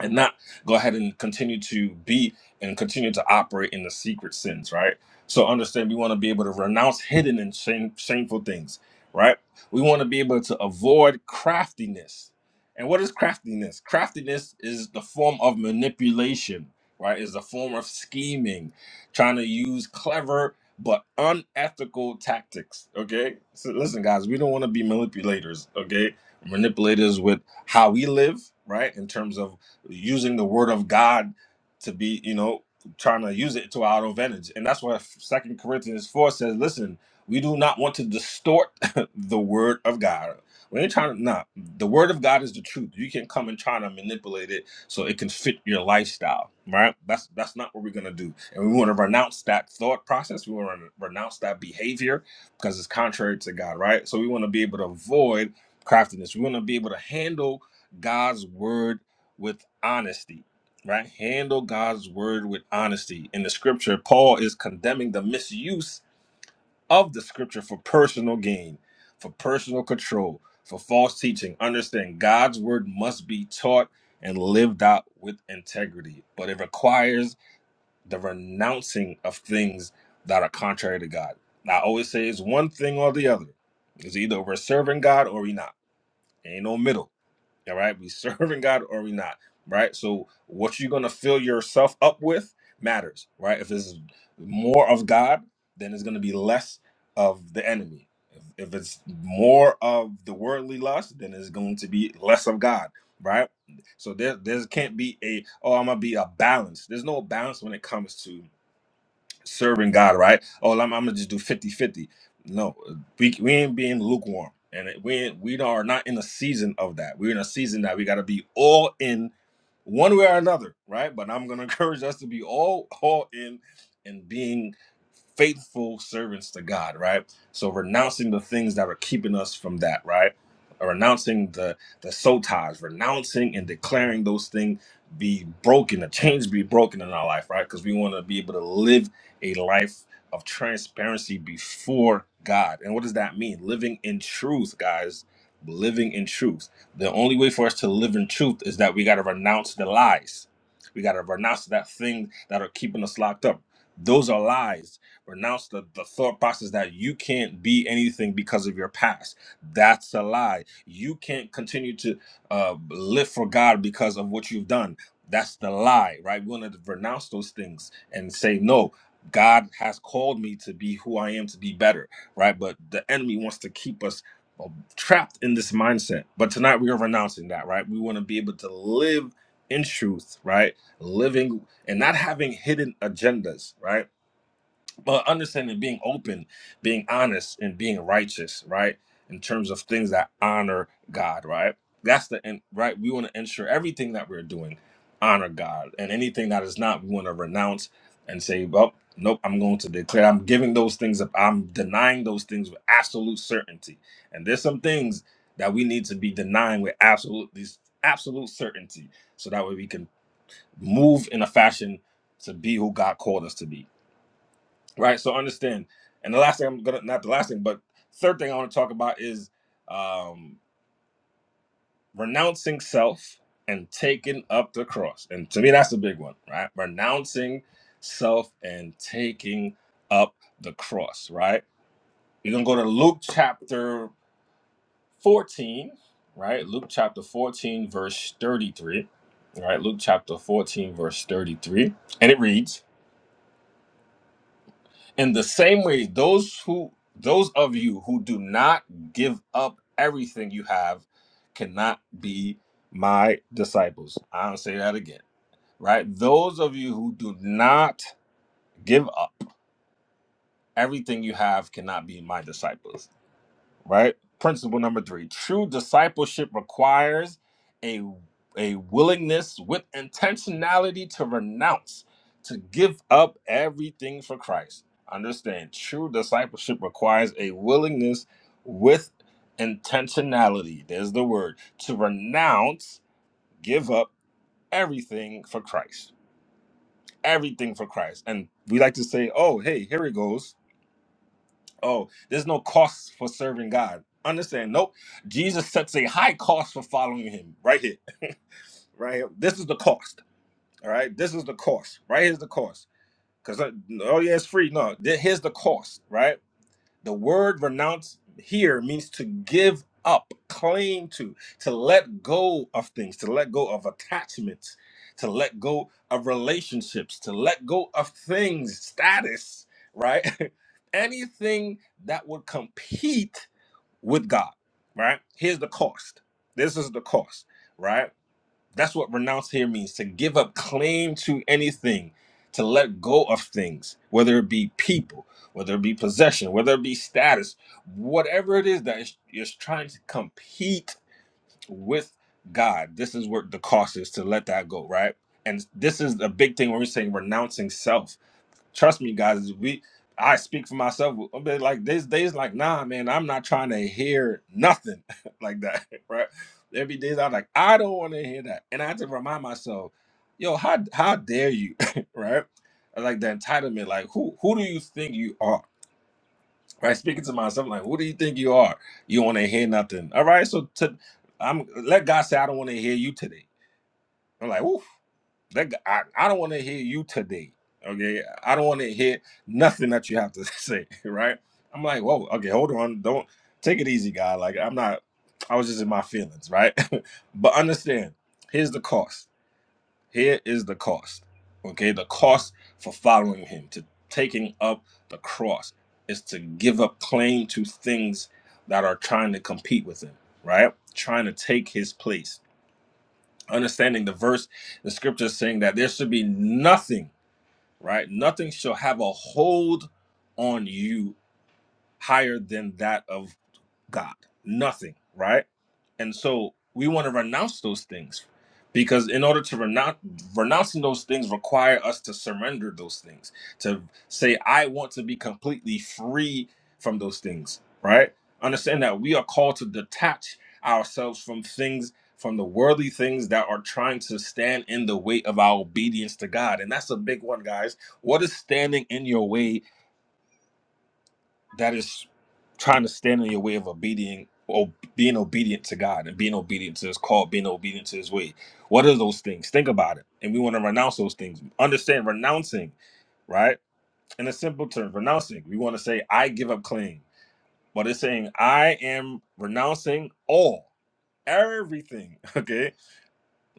Speaker 7: and not go ahead and continue to be and continue to operate in the secret sins, right? So understand we want to be able to renounce hidden and shame, shameful things, right? We want to be able to avoid craftiness. And what is craftiness? Craftiness is the form of manipulation, right? Is a form of scheming, trying to use clever but unethical tactics. Okay, so listen, guys, we don't want to be manipulators. Okay, manipulators with how we live, right? In terms of using the word of God to be, you know, trying to use it to our advantage. And that's why Second Corinthians 4 says, listen, we do not want to distort the word of God. We ain't trying to, nah, the word of God is the truth. You can come and try to manipulate it so it can fit your lifestyle, right? That's that's not what we're gonna do. And we want to renounce that thought process. We want to renounce that behavior because it's contrary to God, right? So we want to be able to avoid craftiness. We want to be able to handle God's word with honesty, right? Handle God's word with honesty. In the scripture, Paul is condemning the misuse of the scripture for personal gain, for personal control, for false teaching. Understand God's word must be taught and lived out with integrity, but it requires the renouncing of things that are contrary to God. I always say it's one thing or the other. It's either we're serving God or we're not. Ain't no middle all right, we serving God or we not, right? So what you're gonna fill yourself up with matters, right? If it's more of God, then it's gonna be less of the enemy. If, if it's more of the worldly lust, then it's going to be less of God, right? So there, there can't be a oh, I'm gonna be a balance. There's no balance when it comes to serving God, right? Oh, I'm, I'm gonna just do fifty-fifty. No, we, we ain't being lukewarm, and it- we ain't, we are not in a season of that. We're in a season that we got to be all in one way or another, right? But I'm gonna encourage us to be all all in and being faithful servants to God, right? So renouncing the things that are keeping us from that, right? Renouncing the the sotas, renouncing and declaring those things be broken, the chains be broken in our life, right? Because we want to be able to live a life of transparency before God. And what does that mean? Living in truth, guys. Living in truth. The only way for us to live in truth is that we got to renounce the lies. We got to renounce that thing that are keeping us locked up. Those are lies. Renounce the, the thought process that you can't be anything because of your past. That's a lie. You can't continue to uh, live for God because of what you've done. That's the lie, right? We want to renounce those things and say, no, God has called me to be who I am to be better, right? But the enemy wants to keep us uh, trapped in this mindset. But tonight we are renouncing that, right? We want to be able to live in truth, right? Living and not having hidden agendas, right? but understanding being open, being honest, and being righteous, right? In terms of things that honor God, right? That's the end, right? We want to ensure everything that we're doing honor God, and anything that is not, we want to renounce and say, well, nope, I'm going to declare. I'm giving those things up. I'm denying those things with absolute certainty. And there's some things that we need to be denying with absolute these absolute certainty, so that way we can move in a fashion to be who God called us to be right? So understand. And the last thing I'm gonna not the last thing, but third thing I want to talk about is um, renouncing self and taking up the cross. And to me, that's the big one, right? Renouncing self and taking up the cross, right? You're gonna go to Luke chapter 14, right? Luke chapter 14, verse 33. right? Luke chapter 14, verse 33. And it reads. in the same way those who those of you who do not give up everything you have cannot be my disciples i'll say that again right those of you who do not give up everything you have cannot be my disciples right? Principle number three true discipleship requires a, a willingness with intentionality to renounce, to give up everything for Christ. Understand, true discipleship requires a willingness with intentionality. There's the word to renounce, give up everything for Christ. Everything for Christ. And we like to say, oh, hey, here it goes Oh, there's no cost for serving God. Understand? Nope. Jesus sets a high cost for following him. Right here. Right here. This is the cost. All right. This is the cost. Right here's the cost. Because oh yeah, it's free. No, th- here's the cost. Right the word renounce here means to give up, claim to, to let go of things, to let go of attachments, to let go of relationships, to let go of things, status, right? Anything that would compete with God, right? Here's the cost. This is the cost, right? That's what renounce here means to give up claim to anything, to let go of things, whether it be people, whether it be possession, whether it be status, whatever it is that is, is trying to compete with God. This is what the cost is to let that go, right? And this is a big thing when we're saying renouncing self trust me guys we i speak for myself I've be like these days like nah man i'm not trying to hear nothing like that right there be days i'm like i don't want to hear that and i have to remind myself yo how how dare you right like the entitlement like who who do you think you are right speaking to myself like who do you think you are you want to hear nothing all right so to i'm let god say i don't want to hear you today i'm like oof. That guy, I, I don't want to hear you today. Okay, I don't want to hear nothing that you have to say. Right? I'm like, whoa. Okay, hold on. Don't take it easy, guy. Like I'm not. I was just in my feelings, right? but understand. Here's the cost. Here is the cost. Okay, the cost for following him to taking up the cross is to give up claim to things that are trying to compete with him. Right? Trying to take his place understanding the verse, the scripture is saying that there should be nothing, right? Nothing shall have a hold on you higher than that of God, nothing, right? And so we want to renounce those things because in order to renounce renouncing those things require us to surrender those things to say I want to be completely free from those things, right? Understand that we are called to detach ourselves from things from the worldly things that are trying to stand in the way of our obedience to God. And that's a big one, guys. What is standing in your way that is trying to stand in your way of obedient or being obedient to God and being obedient to his call, being obedient to his way. What are those things? Think about it. And we want to renounce those things. Understand renouncing, right? In a simple term, renouncing. We want to say, I give up claim. But it's saying I am renouncing all, everything. Okay.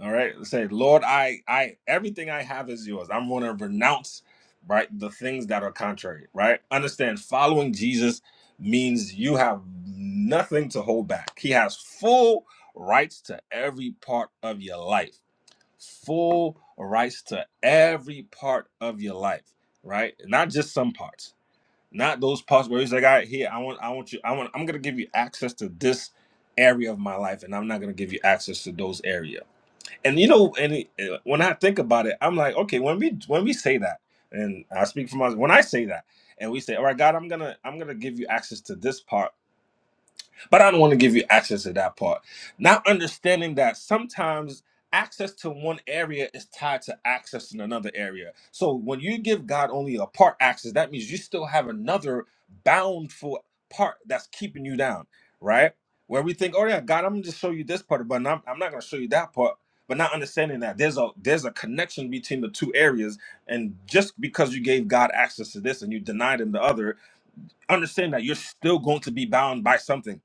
Speaker 7: All right. Say, Lord, I, I, everything I have is yours. I'm going to renounce, right, the things that are contrary, right? Understand, following Jesus means you have nothing to hold back. He has full rights to every part of your life, full rights to every part of your life, right? Not just some parts, not those parts where he's like, all right, here, I want, I want you, I want, I'm going to give you access to this area of my life, and I'm not going to give you access to those areas and you know, and it- and when I think about it, I'm like, okay, when we when we say that, and I speak from us, when I say that, and we say, all right, God, I'm gonna I'm gonna give you access to this part but I don't want to give you access to that part. Not understanding that sometimes access to one area is tied to access in another area. So when you give God only a part access, that means you still have another boundful part that's keeping you down, right? Where we think, oh yeah, God, I'm gonna just show you this part, but I'm, I'm not gonna show you that part. But not understanding that there's a there's a connection between the two areas, and just because you gave God access to this and you denied him the other, understand that you're still going to be bound by something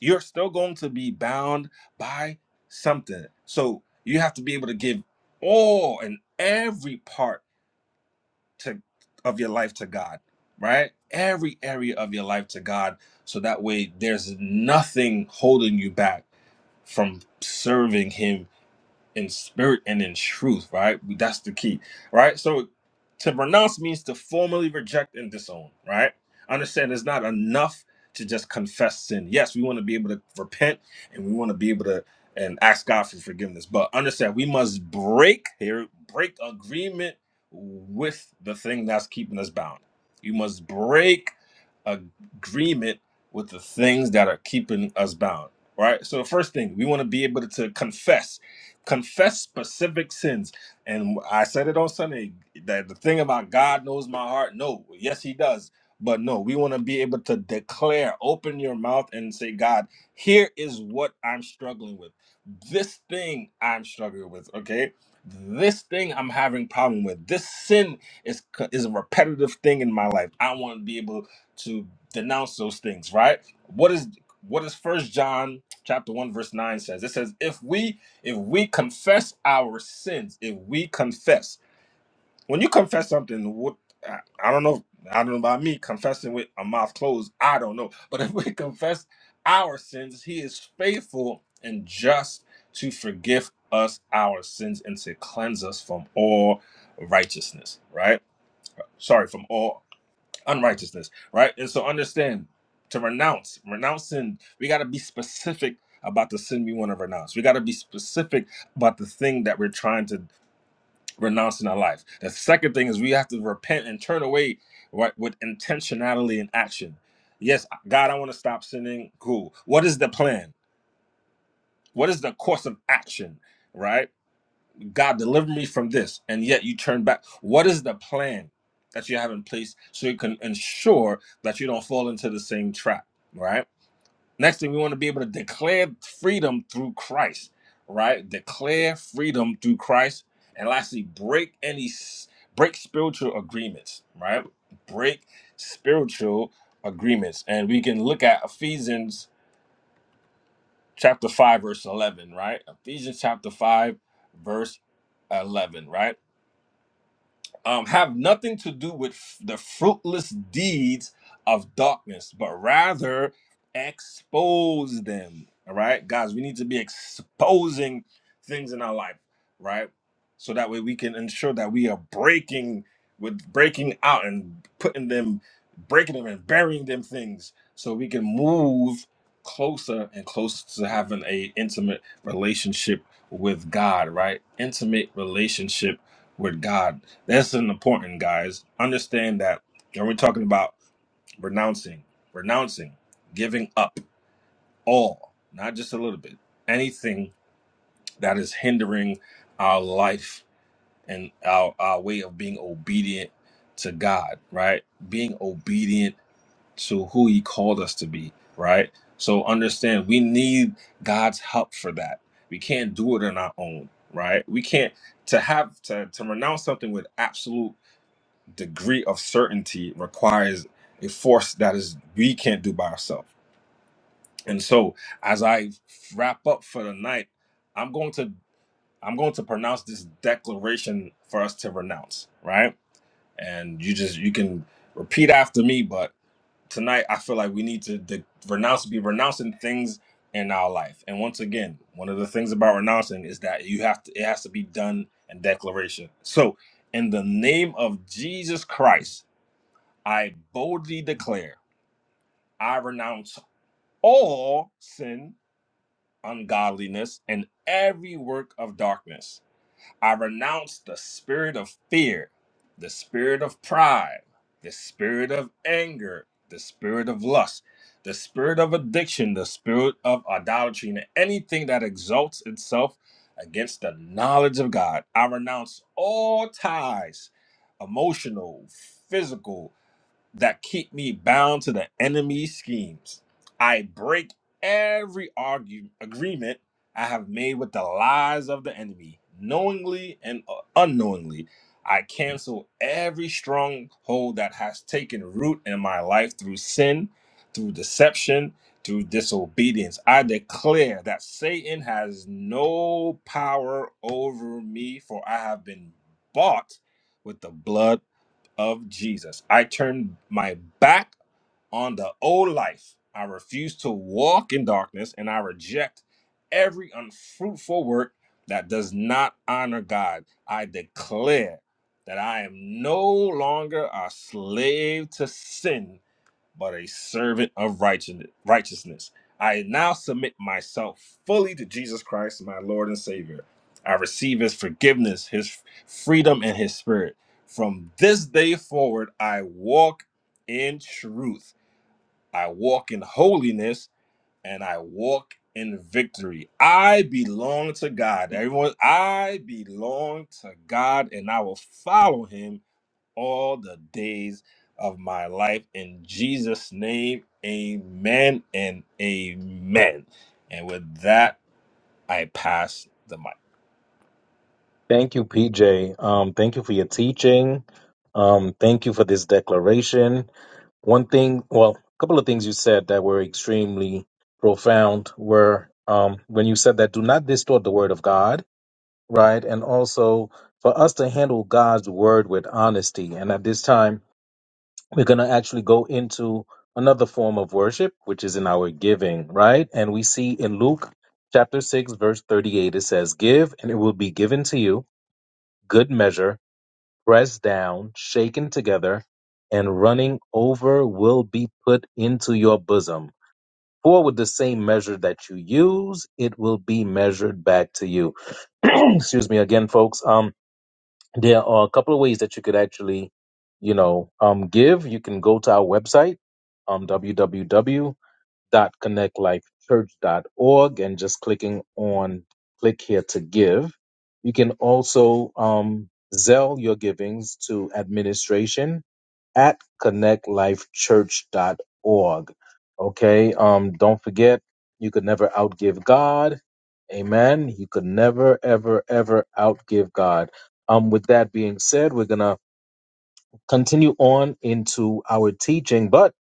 Speaker 7: you're still going to be bound by something. So you have to be able to give all and every part to of your life to God, right? Every area of your life to God. So that way there's nothing holding you back from serving him in spirit and in truth, right? That's the key, right? So to renounce means to formally reject and disown, right? Understand it's not enough to just confess sin. Yes, we want to be able to repent and we want to be able to and ask God for forgiveness, but understand we must break here, break agreement with the thing that's keeping us bound. You must break agreement with the things that are keeping us bound, right? So the first thing, we want to be able to confess confess specific sins. And I said it on Sunday that the thing about God knows my heart. No, yes, He does. But no, we want to be able to declare, open your mouth and say, God, here is what I'm struggling with. This thing I'm struggling with, okay? This thing I'm having problem with. This sin is is a repetitive thing in my life. I want to be able to denounce those things, right? What is what is First John chapter one verse nine says? It says, "If we if we confess our sins, if we confess, when you confess something, what I I don't know, I don't know about me confessing with a mouth closed, I don't know. But if we confess our sins, He is faithful and just to forgive us our sins and to cleanse us from all righteousness, right? Sorry, from all unrighteousness, right? And so understand to renounce, renounce sin. we got to be specific about the sin we want to renounce. We got to be specific about the thing that we're trying to renounce in our life. The second thing is we have to repent and turn away right, with intentionality and action. Yes, God, I want to stop sinning. Cool. What is the plan? What is the course of action? Right? God, deliver me from this, and yet you turn back. What is the plan that you have in place so you can ensure that you don't fall into the same trap, right? Next thing, we want to be able to declare freedom through Christ, right? Declare freedom through Christ, and lastly, break any s- break spiritual agreements, right? Break spiritual agreements, and we can look at Ephesians chapter five, verse eleven, right? Ephesians chapter five, verse 11, right? um, have nothing to do with f- the fruitless deeds of darkness, but rather expose them. All right, guys, we need to be exposing things in our life, right? So that way we can ensure that we are breaking with breaking out and putting them, breaking them and burying them things, so we can move closer and closer to having a intimate relationship with God, right? Intimate relationship with God this is important, guys. Understand that when we're talking about renouncing, renouncing, giving up all, not just a little bit, anything that is hindering our life and our, our way of being obedient to God, right? Being obedient to who He called us to be, right? So understand we need God's help for that. We can't do it on our own, right? We can't to have to, to renounce something with absolute degree of certainty requires a force that is we can't do by ourselves. And so as I wrap up for the night, I'm going to I'm going to pronounce this declaration for us to renounce, right? And you just you can repeat after me, but tonight I feel like we need to de- renounce be renouncing things in our life. And once again, one of the things about renouncing is that you have to it has to be done in declaration. So in the name of Jesus Christ, I boldly declare, I renounce all sin, ungodliness, and every work of darkness. I renounce the spirit of fear, the spirit of pride, the spirit of anger, the spirit of lust, the spirit of addiction, the spirit of idolatry, and anything that exalts itself against the knowledge of God. I renounce all ties, emotional, physical, that keep me bound to the enemy's schemes. I break every argue, agreement I have made with the lies of the enemy, knowingly and uh, unknowingly. I cancel every stronghold that has taken root in my life through sin, through deception, through disobedience. I declare that Satan has no power over me, for I have been bought with the blood of Jesus. I turn my back on the old life. I refuse to walk in darkness and I reject every unfruitful work that does not honor God. I declare that I am no longer a slave to sin but a servant of righteous- righteousness. I now submit myself fully to Jesus Christ, my Lord and Savior. I receive his forgiveness, his freedom, and his spirit. From this day forward, I walk in truth, I walk in holiness, and I walk in victory. I belong to God. Everyone, I belong to God, and I will follow him all the days of my life. In Jesus' name, amen and amen. And with that, I pass the mic.
Speaker 1: Thank you, PJ. Um, thank you for your teaching. Um, thank you for this declaration. One thing, well, a couple of things you said that were extremely profound were um, when you said that do not distort the word of God, right? And also for us to handle God's word with honesty. And at this time, we're going to actually go into another form of worship, which is in our giving, right? And we see in Luke chapter 6, verse 38, it says, Give and it will be given to you good measure, pressed down, shaken together, and running over will be put into your bosom. For with the same measure that you use, it will be measured back to you. Excuse me again, folks. Um, there are a couple of ways that you could actually, you know, um, give. You can go to our website, um, dot connect life church dot org and just clicking on click here to give you can also um zell your givings to administration at connect life church dot org okay um don't forget you could never outgive god amen you could never ever ever outgive god um with that being said we're gonna continue on into our teaching but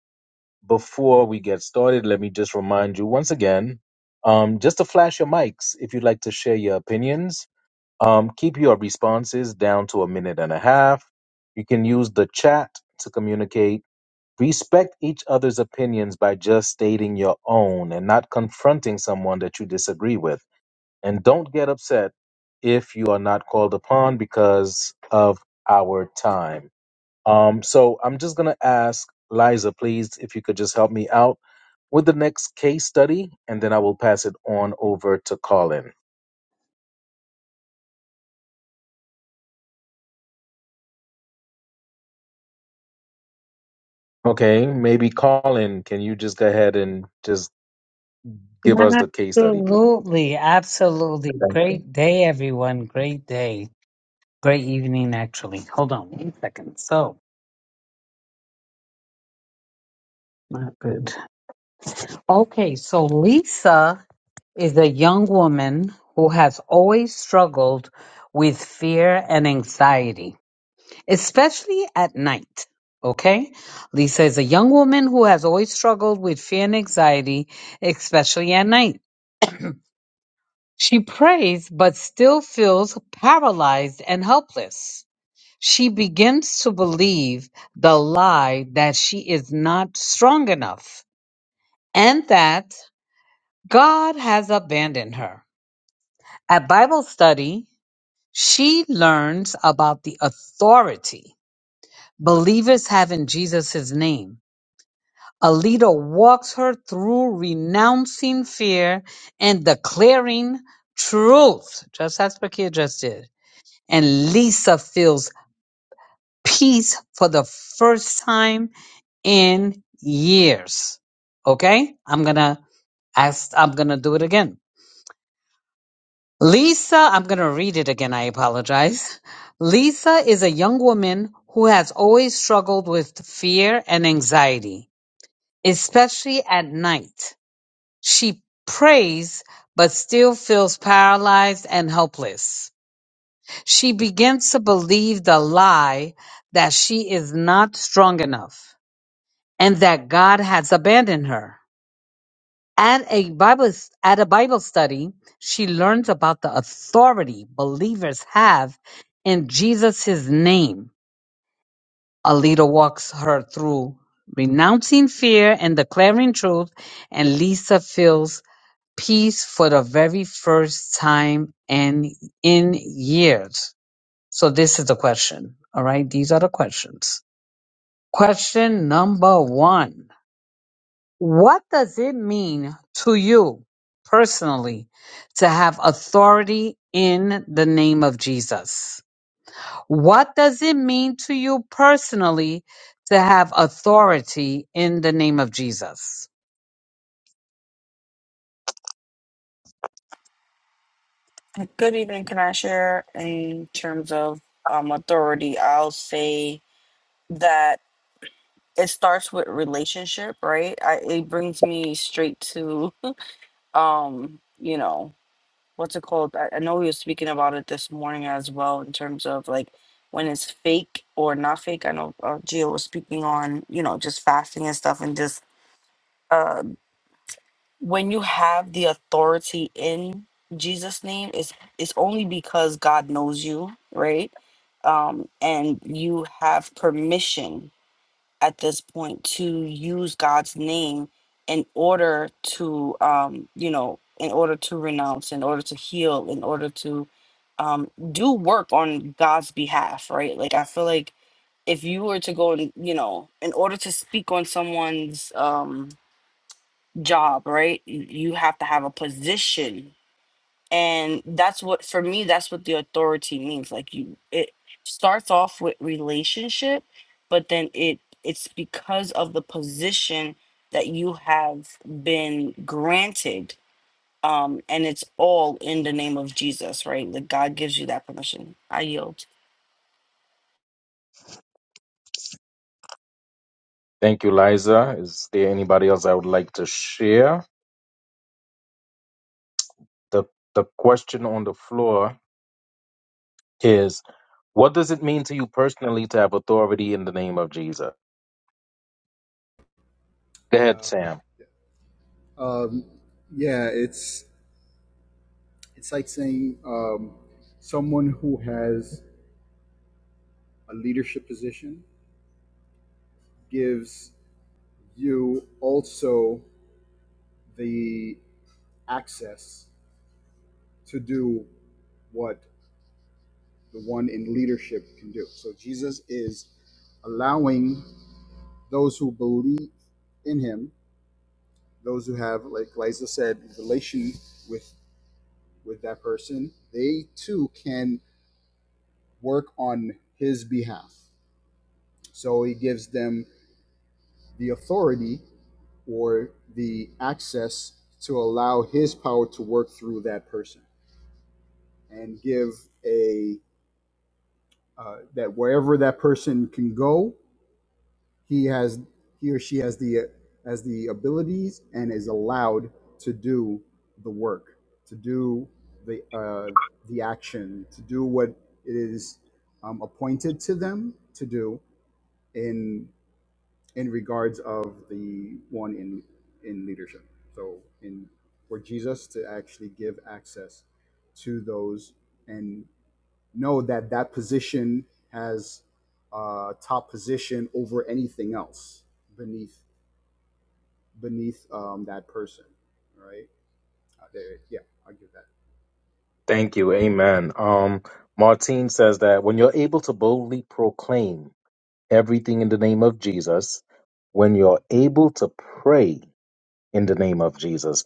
Speaker 1: before we get started, let me just remind you once again um, just to flash your mics if you'd like to share your opinions. Um, keep your responses down to a minute and a half. You can use the chat to communicate. Respect each other's opinions by just stating your own and not confronting someone that you disagree with. And don't get upset if you are not called upon because of our time. Um, so I'm just going to ask Liza, please, if you could just help me out with the next case study, and then I will pass it on over to Colin. Okay, maybe Colin, can you just go ahead and just give us the case study, please?
Speaker 6: Absolutely. Absolutely.
Speaker 1: Thank you.
Speaker 6: Great day, everyone. Great day. Great evening, actually. Hold on one second. So, not good. Okay. So, Lisa. is a young woman who has always struggled with fear and anxiety, especially at night. Okay? Lisa is a young woman who has always struggled with fear and anxiety, especially at night. She prays but still feels paralyzed and helpless. She begins to believe the lie that she is not strong enough and that God has abandoned her. At Bible study, She learns about the authority believers have in Jesus' name. Alita walks her through renouncing fear and declaring truth, just as Pakir just did. And Lisa feels peace for the first time in years. Okay? I'm gonna ask, I'm gonna do it again. Lisa, I'm going to read it again. I apologize. Lisa is a young woman who has always struggled with fear and anxiety, especially at night. She prays, but still feels paralyzed and helpless. She begins to believe the lie that she is not strong enough and that God has abandoned her. And a Bible at a Bible study, she learns about the authority believers have in Jesus' his name. Alita walks her through renouncing fear and declaring truth, and Lisa feels peace for the very first time and in years. So this is the question. All right, these are the questions. Question number one. What does it mean to you personally to have authority in the name of Jesus? What does it mean to you personally to have authority in the name of Jesus?
Speaker 2: Good evening. Can I share in terms of um, authority? I'll say that it starts with relationship, right? I, it brings me straight to, um, you know, what's it called? I, I know we were speaking about it this morning as well in terms of like when it's fake or not fake. I know uh, Gio was speaking on, you know, just fasting and stuff and just uh, when you have the authority in Jesus' name, it's it's only because God knows you, right? Um, and you have permission at this point to use God's name in order to, um, you know, in order to renounce, in order to heal, in order to um, do work on God's behalf, right? Like, I feel like if you were to go and, you know, in order to speak on someone's um, job, right, y- you have to have a position and that's what for me that's what the authority means like you it starts off with relationship but then it it's because of the position that you have been granted um and it's all in the name of jesus right like god gives you that permission i yield
Speaker 1: Thank you, Liza. Is there anybody else I would like to share? The the question on the floor is what does it mean to you personally to have authority in the name of Jesus? Go ahead, Sam.
Speaker 4: um, yeah it's it's like saying um, someone who has a leadership position gives you also the access to do what the one in leadership can do. So Jesus is allowing those who believe in him, those who have, like Liza said, relation with with that person, they too can work on his behalf. So he gives them the authority or the access to allow his power to work through that person. and give a uh, that wherever that person can go, he has he or she has the has the abilities and is allowed to do the work, to do the uh, the action, to do what it is um, appointed to them to do in in regards of the one in in leadership. So in for Jesus to actually give access to those and know that that position has uh, top position over anything else beneath beneath um, that person, right? Uh, there, yeah, I'll give that.
Speaker 1: Thank you. Amen. Um, Martine says that when you're able to boldly proclaim everything in the name of Jesus, when you're able to pray in the name of Jesus,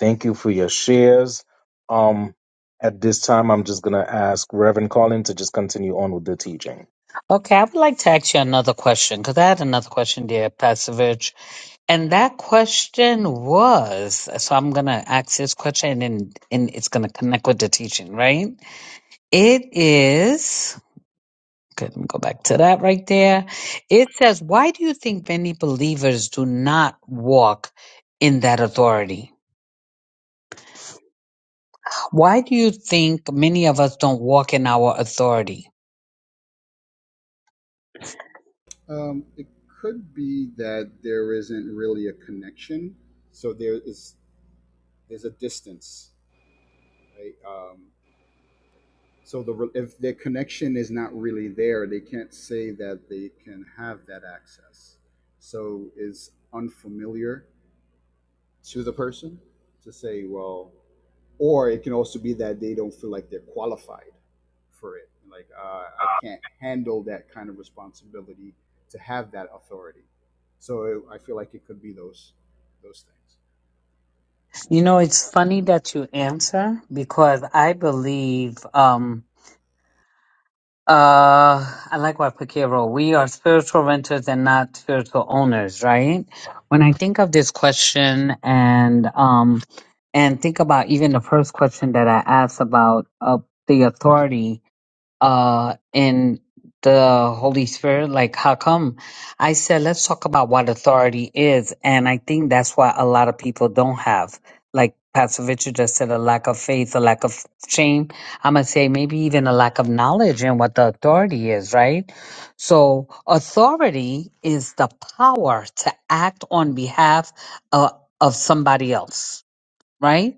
Speaker 1: thank you for your shares. Um, at this time, I'm just going to ask Reverend Colin to just continue on with the teaching.
Speaker 6: Okay, I would like to ask you another question because I had another question, dear Pastor Virg. And that question was so I'm going to ask this question and, and it's going to connect with the teaching, right? It is. Okay, let me go back to that right there. It says, Why do you think many believers do not walk in that authority? Why do you think many of us don't walk in our authority?
Speaker 4: Um, it could be that there isn't really a connection, so there is there's a distance, right? Um, so the if their connection is not really there, they can't say that they can have that access. So is unfamiliar to the person to say, well, or it can also be that they don't feel like they're qualified for it. Like uh, I can't handle that kind of responsibility to have that authority. So it, I feel like it could be those those things.
Speaker 6: You know, it's funny that you answer because I believe. Um, Uh, I like what Pakia wrote. We are spiritual renters and not spiritual owners, right? When I think of this question and um and think about even the first question that I asked about uh, the authority, uh in the Holy Spirit, like how come? I said let's talk about what authority is, and I think that's what a lot of people don't have. Like Pastor Richard just said, a lack of faith, a lack of shame. I'm gonna say maybe even a lack of knowledge in what the authority is, right? So authority is the power to act on behalf of, of somebody else, right?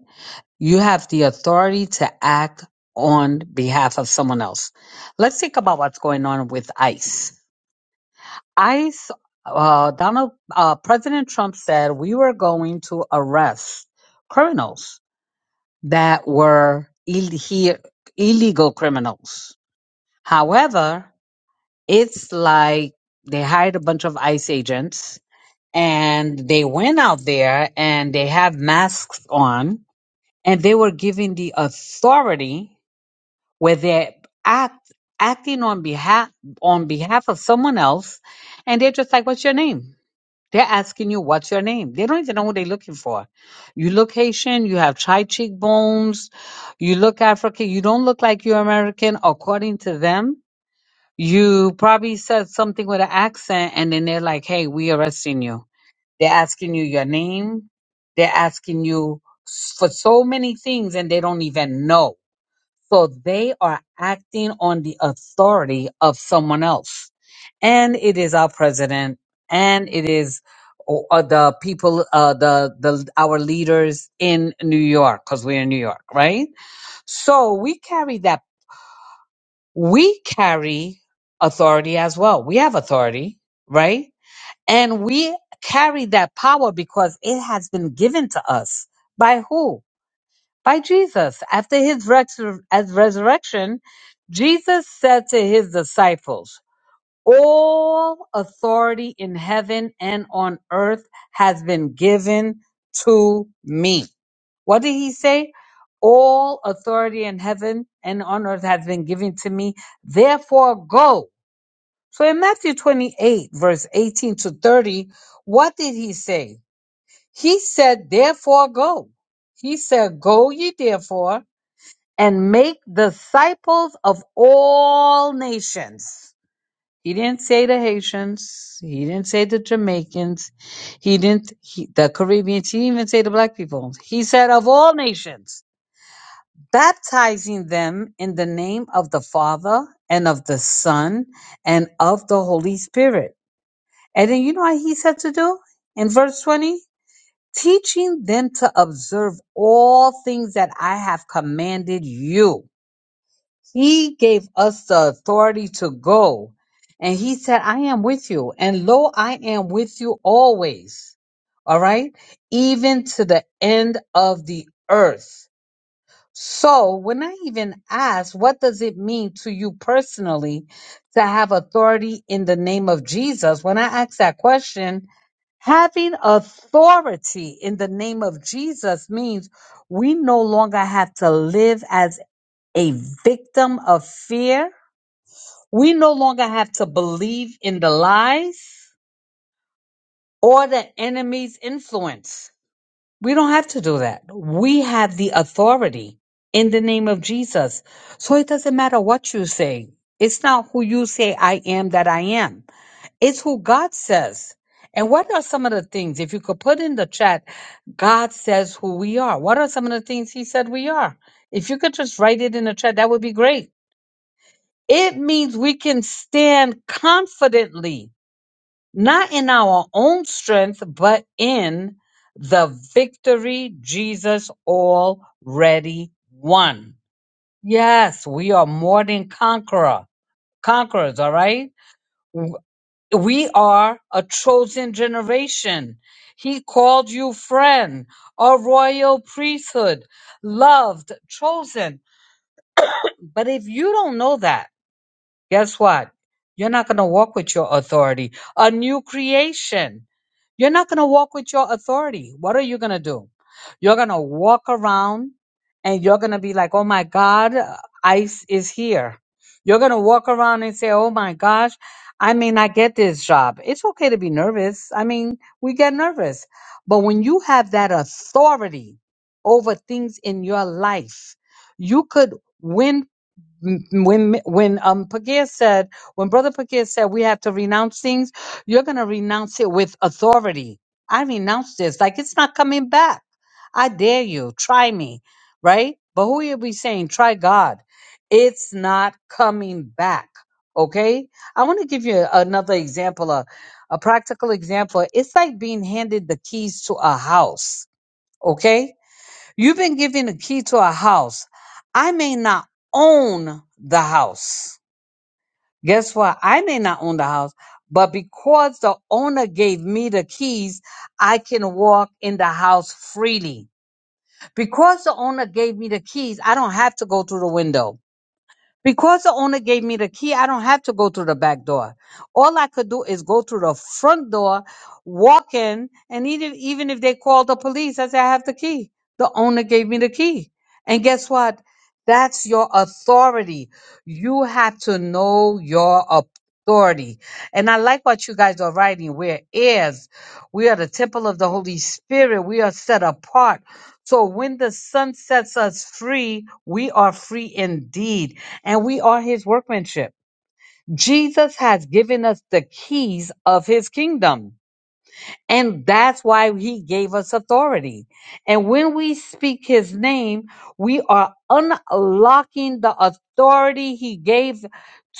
Speaker 6: You have the authority to act on behalf of someone else. Let's think about what's going on with ICE. ICE, uh, Donald, uh, President Trump said we were going to arrest criminals that were Ill- he- illegal criminals. However, it's like they hired a bunch of ICE agents and they went out there and they have masks on and they were given the authority where they're act, acting on behalf on behalf of someone else, and they're just like, "What's your name?" They're asking you, "What's your name?" They don't even know who they're looking for. You look Haitian, you have high cheekbones, you look African, you don't look like you're American, according to them. You probably said something with an accent, and then they're like, "Hey, we arresting you." They're asking you your name. They're asking you s- for so many things, and they don't even know so they are acting on the authority of someone else. And it is our president and it is o- uh, the people, uh, the, the, our leaders in New York, cause we're in New York, right? So we carry that. We carry authority as well. We have authority, right? And we carry that power because it has been given to us by who? by Jesus. After his resur- as resurrection, Jesus said to his disciples, All authority in heaven and on earth has been given to me. What did he say? All authority in heaven and on earth has been given to me. Therefore, go. So in Matthew 28, verse 18 to 30, what did he say? He said, Therefore, go. He said, Go ye therefore and make disciples of all nations. He didn't say the Haitians. He didn't say the Jamaicans. He didn't, he, the Caribbeans. He didn't even say the black people. He said of all nations, baptizing them in the name of the Father and of the Son and of the Holy Spirit. And then you know what he said to do in verse 20? Teaching them to observe all things that I have commanded you He gave us the authority to go. And he said, I am with you. And lo, I am with you always. All right. Even to the end of the earth. So when I even ask, what does it mean to you personally to have authority in the name of Jesus? When I ask that question, having authority in the name of Jesus means we no longer have to live as a victim of fear. We no longer have to believe in the lies or the enemy's influence. We don't have to do that. We have the authority in the name of Jesus. So it doesn't matter what you say. It's not who you say I am that I am. It's who God says. And what are some of the things, if you could put in the chat, God says who we are. What are some of the things he said we are? If you could just write it in the chat, that would be great It means we can stand confidently, not in our own strength, but in the victory Jesus already won. Yes, we are more than conqueror, conquerors, all right? W- We are a chosen generation. He called you friend, a royal priesthood, loved, chosen. But if you don't know that, Guess what? You're not going to walk with your authority. A new creation. You're not going to walk with your authority. What are you going to do? You're going to walk around and you're going to be like, oh my God, ICE is here. You're going to walk around and say, oh my gosh, I may not get this job. It's okay to be nervous. I mean, we get nervous. But when you have that authority over things in your life, you could win when when um Pagir said when brother Pagir said we have to renounce things, you're gonna renounce it with authority. I renounce this, like it's not coming back. I dare you, try me, right? But who you be saying, try God? It's not coming back. Okay, I want to give you another example, a, a practical example. It's like being handed the keys to a house. Okay, You've been given a key to a house. I may not own the house. Guess what? I may not own the house, but because the owner gave me the keys, I can walk in the house freely. Because the owner gave me the keys, I don't have to go through the window. Because the owner gave me the key, I don't have to go through the back door. All I could do is go through the front door, walk in, and even, even if they called the police, I said, I have the key. The owner gave me the key. And guess what? That's your authority. You have to know your authority. And I like what you guys are writing. We're heirs. We are the temple of the Holy Spirit. We are set apart. So when the Son sets us free, we are free indeed. And we are his workmanship. Jesus has given us the keys of his kingdom. And that's why he gave us authority. And when we speak his name, we are unlocking the authority he gave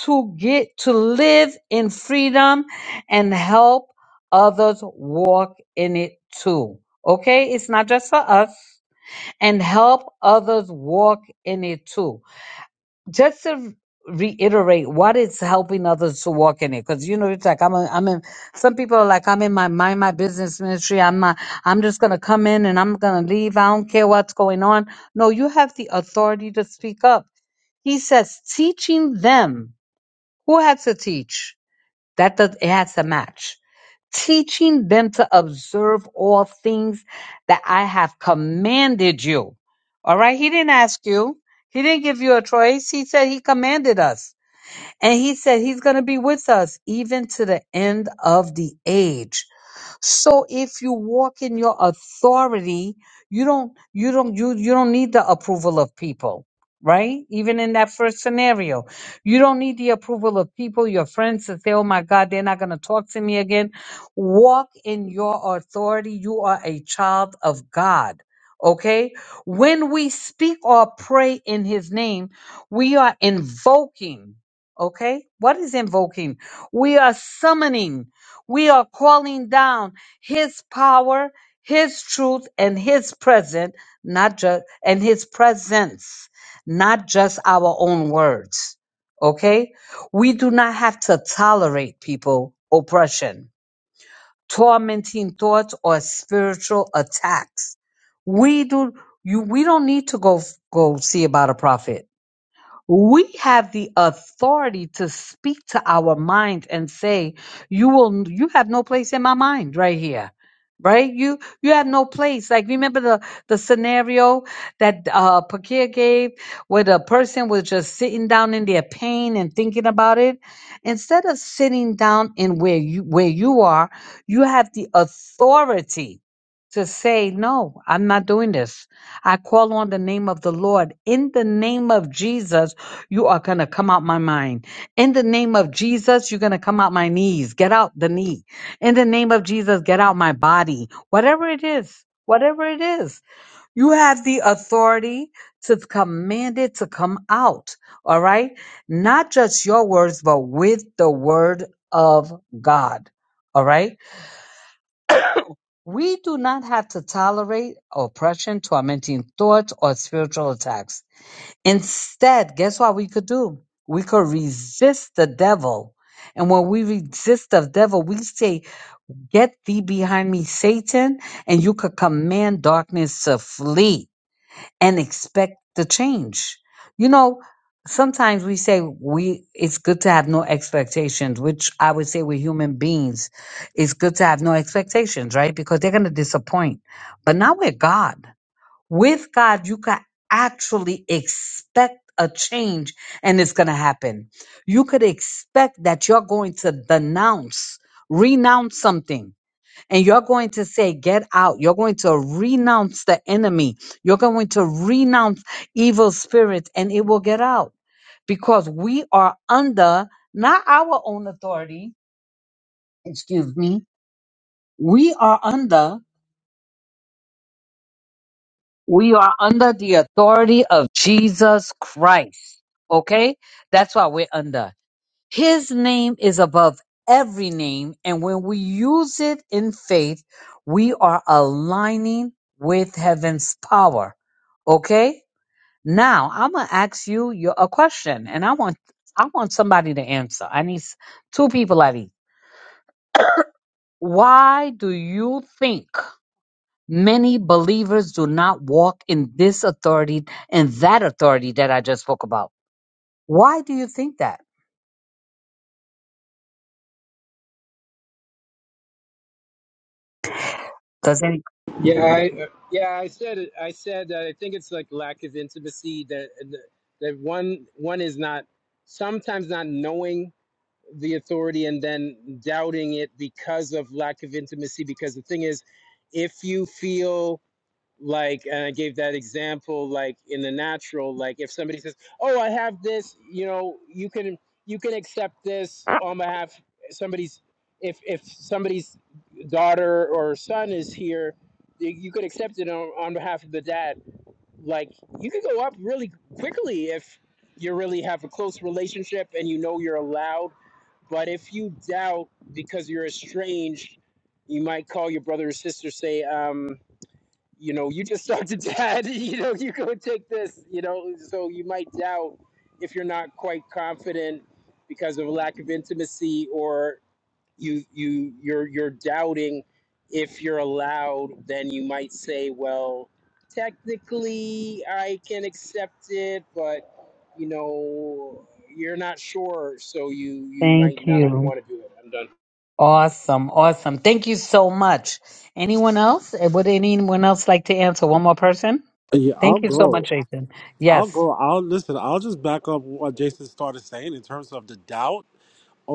Speaker 6: to get to live in freedom and help others walk in it too. Okay? It's not just for us. And help others walk in it too just to reiterate what is helping others to walk in it because you know it's like i'm a, i'm in some people are like i'm in my mind my business ministry i'm not i'm just gonna come in and i'm gonna leave i don't care what's going on no you have the authority to speak up he says teaching them who had to teach that does it has to match. Teaching them to observe all things that I have commanded you. All right, he didn't ask you. He didn't give you a choice. He said he commanded us. And he said he's going to be with us even to the end of the age. So if you walk in your authority, you don't you don't you you don't need the approval of people, right? Even in that first scenario, you don't need the approval of people, your friends to say, "Oh my God, they're not going to talk to me again." Walk in your authority. You are a child of God. Okay? When we speak or pray in his name, we are invoking, okay? What is invoking? We are summoning we are calling down his power, his truth, and his present, not just and his presence, not just our own words. Okay? We do not have to tolerate people oppression, tormenting thoughts, or spiritual attacks. We do you we don't need to go go see about a prophet we have the authority to speak to our minds and say, you will, you have no place in my mind right here. Right? You, you have no place. Like remember the, the scenario that, uh, Pakir gave where the person was just sitting down in their pain and thinking about it. Instead of sitting down in where you, where you are, you have the authority to say, no, I'm not doing this. I call on the name of the Lord. In the name of Jesus, you are going to come out my mind. In the name of Jesus, you're going to come out my knees. Get out the knee. In the name of Jesus, get out my body. Whatever it is, whatever it is, you have the authority to command it to come out. All right. Not just your words, but with the word of God. All right we do not have to tolerate oppression, tormenting thoughts, or spiritual attacks. Instead, guess what we could do? We could resist the devil. And when we resist the devil, we say, Get thee behind me, Satan, and you could command darkness to flee and expect the change. You know, sometimes we say we it's good to have no expectations, which I would say we're human beings. It's good to have no expectations, right? Because they're gonna disappoint. But not with God. With God, you can actually expect a change and it's gonna happen. You could expect that you're going to denounce, renounce something and you're going to say, Get out. You're going to renounce the enemy. You're going to renounce evil spirits, and it will get out because we are under not our own authority. Excuse me. We are under, we are under the authority of Jesus Christ. Okay? That's why we're under. His name is above every name, and when we use it in faith, we are aligning with heaven's power. Okay? Now, I'm going to ask you your, a question, and I want I want somebody to answer. I need s- two people I need. Why do you think many believers do not walk in this authority and that authority that I just spoke about? Why do you think that? Does any
Speaker 9: Yeah, I, yeah, I said it. I said that I think it's like lack of intimacy that that one one is not sometimes not knowing the authority and then doubting it because of lack of intimacy. Because the thing is, if you feel like, and I gave that example, like in the natural, like if somebody says, "Oh, I have this," you know, you can you can accept this on behalf somebody's. If if somebody's daughter or son is here, you you could accept it on, on behalf of the dad. Like you could go up really quickly if you really have a close relationship and you know you're allowed but if you doubt because you're estranged, you might call your brother or sister, say, um, you know, you just talked to dad, you know, you go take this, you know. So you might doubt if you're not quite confident because of a lack of intimacy or you you you're you're doubting if you're allowed then you might say well technically i can accept it but you know you're not sure so you you
Speaker 6: Thank
Speaker 9: might not
Speaker 6: you.
Speaker 9: want to do it i'm done
Speaker 6: Awesome, awesome. Thank you so much. Anyone else? Eh, Would anyone else like to answer? One more person?
Speaker 3: Yeah, I'll
Speaker 6: Thank you so
Speaker 3: go.
Speaker 6: much, Jason.
Speaker 3: I'll
Speaker 6: Yes.
Speaker 3: go. I'll listen. I'll just back up what Jason started saying in terms of the doubt.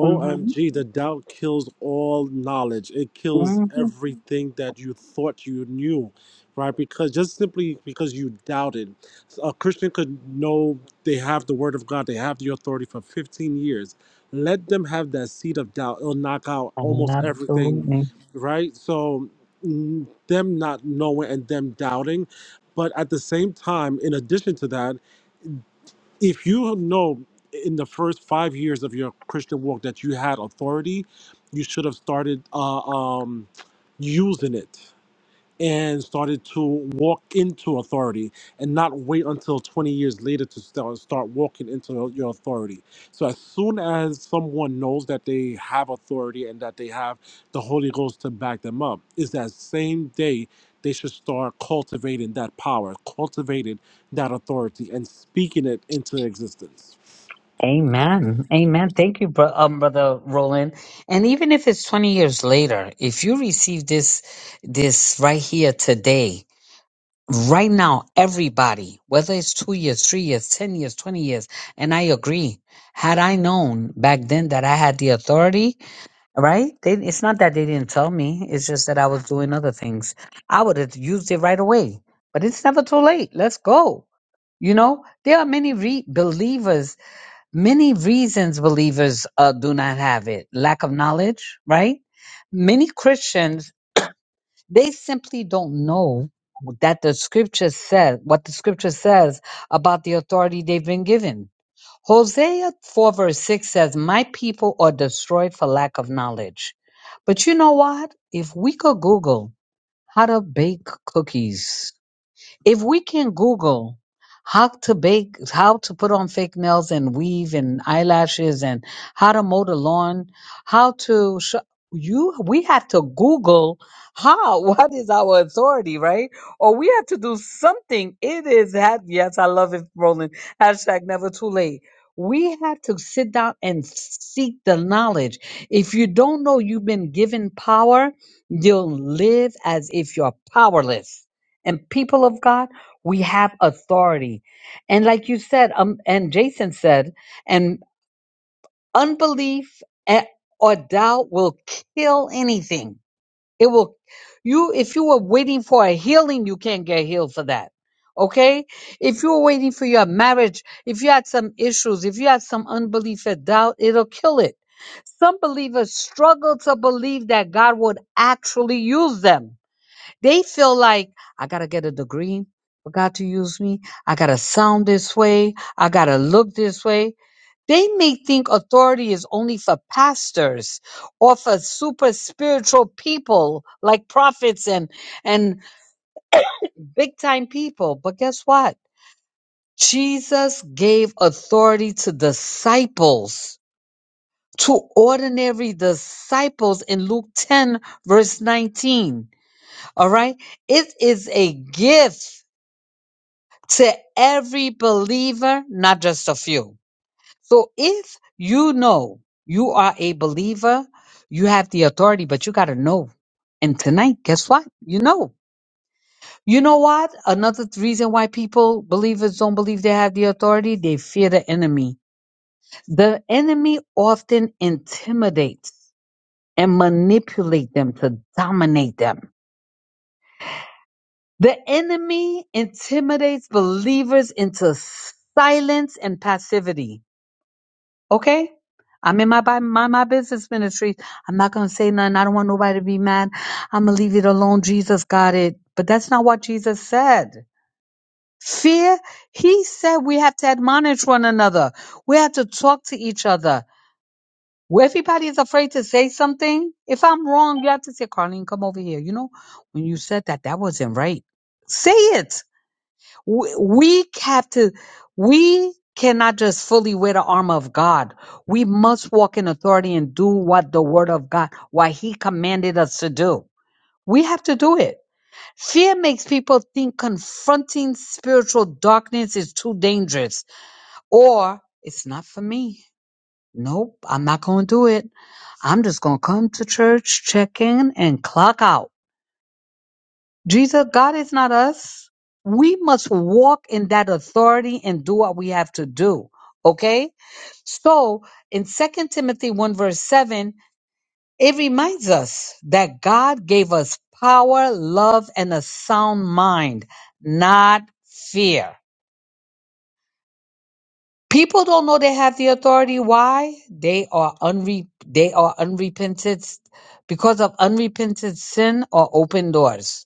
Speaker 6: hmm
Speaker 3: the doubt kills all knowledge. It kills
Speaker 6: hmm
Speaker 3: everything that you thought you knew, right? Because just simply because you doubted, a Christian could know they have the word of God, they have the authority for 15 years. Let them have that seed of doubt. It'll knock out almost everything,
Speaker 6: Absolutely.
Speaker 3: right? So, mm, them not knowing and them doubting. But at the same time, in addition to that, if you know in the first five years of your Christian walk that you had authority, you should have started uh, um, using it and started to walk into authority and not wait until 20 years later to start, start walking into your authority. So, as soon as someone knows that they have authority and that they have the Holy Ghost to back them up, is that same day they should start cultivating that power, cultivating that authority, and speaking it into existence.
Speaker 6: Amen. Amen. Thank you, bro- um, brother Roland. And even if it's 20 years later, if you receive this, this right here today, right now, everybody, whether it's two years, three years, 10 years, 20 years, and I agree, had I known back then that I had the authority, Right? They, it's not that they didn't tell me. It's just that I was doing other things. I would have used it right away. But it's never too late. Let's go. You know, there are many re- believers, many reasons believers uh, do not have it. Lack of knowledge, right? Many Christians, they simply don't know that the scripture says what the scripture says about the authority they've been given Hosea 4 verse 6 says, My people are destroyed for lack of knowledge. But you know what? If we could Google how to bake cookies, if we can Google how to bake, how to put on fake nails and weave and eyelashes and how to mow the lawn, how to sh- you, we have to Google how, what is our authority, right? Or we have to do something. It is, ha- yes, I love it, Roland. Hashtag never too late. We have to sit down and seek the knowledge. If you don't know you've been given power, you'll live as if you're powerless and people of God, we have authority. And like you said, um, and Jason said, and unbelief a- or doubt will kill anything. It will, you, if you were waiting for a healing, you can't get healed for that. Okay? If you were waiting for your marriage, if you had some issues, if you had some unbelief or doubt, it'll kill it. Some believers struggle to believe that God would actually use them they feel like I gotta get a degree for God to use me. I gotta sound this way. I gotta look this way. They may think authority is only for pastors or for super spiritual people like prophets and, and big time people. But guess what? Jesus gave authority to disciples, to ordinary disciples in Luke 10 verse 19. All right. It is a gift to every believer, not just a few. So if you know you are a believer, you have the authority, but you got to know. And tonight, guess what? You know. You know what? Another th- reason why people, believers, don't believe they have the authority, they fear the enemy. The enemy often intimidates and manipulate them to dominate them. The enemy intimidates believers into silence and passivity Okay? I'm in my bi- my, my business ministry. I'm not gonna say nothing. I don't want nobody to be mad. I'm gonna leave it alone. Jesus got it. But that's not what Jesus said. Fear, he said we have to admonish one another. We have to talk to each other. Where everybody is afraid to say something, if I'm wrong, you have to say, Carlene, come over here. You know, when you said that, that wasn't right. Say it we we have to we cannot just fully wear the armor of god we must walk in authority and do what the word of god what he commanded us to do we have to do it fear makes people think confronting spiritual darkness is too dangerous or it's not for me nope i'm not going to do it i'm just going to come to church check in and clock out Jesus, God is not us. We must walk in that authority and do what we have to do. Okay? So in Second Timothy 1, verse 7, it reminds us that God gave us power, love, and a sound mind, not fear. People don't know they have the authority. Why? They are unre- they are unrepentant because of unrepentant sin or open doors.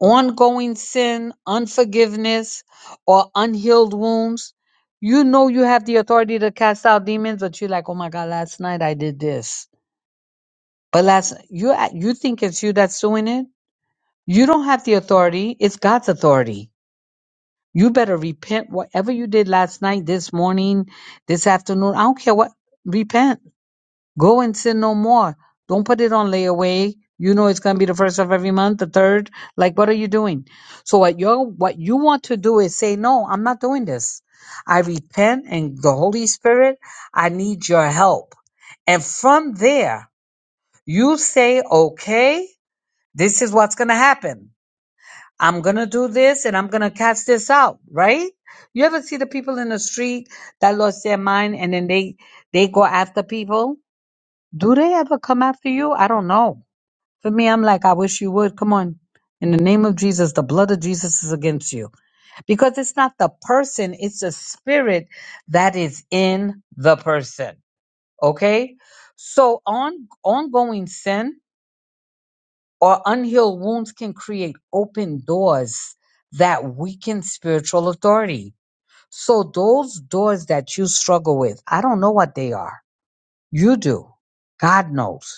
Speaker 6: ongoing sin, unforgiveness, or unhealed wounds, you know you have the authority to cast out demons, but you're like, oh my God, last night I did this. But last you a- you think it's you that's doing it. You don't have the authority. It's God's authority. You better repent whatever you did last night, this morning, this afternoon. I don't care what. Repent Go and sin no more. Don't put it on layaway. You know it's going to be the first of every month, the third. Like, what are you doing? So what you what you want to do is say, no, I'm not doing this. I repent and the Holy Spirit, I need your help. And from there, you say, okay, this is what's going to happen. I'm going to do this and I'm going to cast this out, right? You ever see the people in the street that lost their mind and then they, they go after people? Do they ever come after you? I don't know. For me, I'm like, I wish you would. Come on. In the name of Jesus, the blood of Jesus is against you. Because it's not the person, it's the spirit that is in the person. Okay? So on ongoing sin or unhealed wounds can create open doors that weaken spiritual authority. So those doors that you struggle with, I don't know what they are. You do. God knows.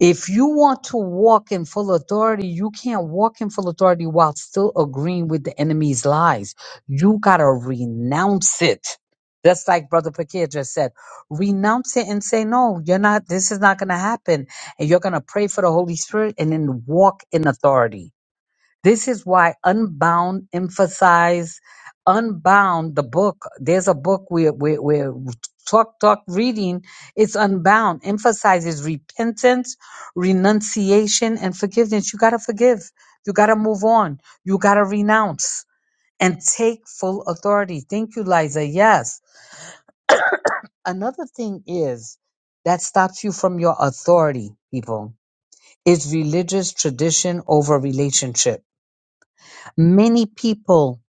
Speaker 6: If you want to walk in full authority, you can't walk in full authority while still agreeing with the enemy's lies. You gotta renounce it. That's like Brother Pakir just said. Renounce it and say, no, you're not, this is not gonna happen. And you're gonna pray for the Holy Spirit and then walk in authority. This is why Unbound emphasize Unbound, the book. There's a book we're, we're, we're talk, talk reading. It's Unbound, emphasizes repentance, renunciation, and forgiveness. You got to forgive. You got to move on. You got to renounce and take full authority. Thank you, Liza. Yes. Another thing is that stops you from your authority, people, is religious tradition over relationship. Many people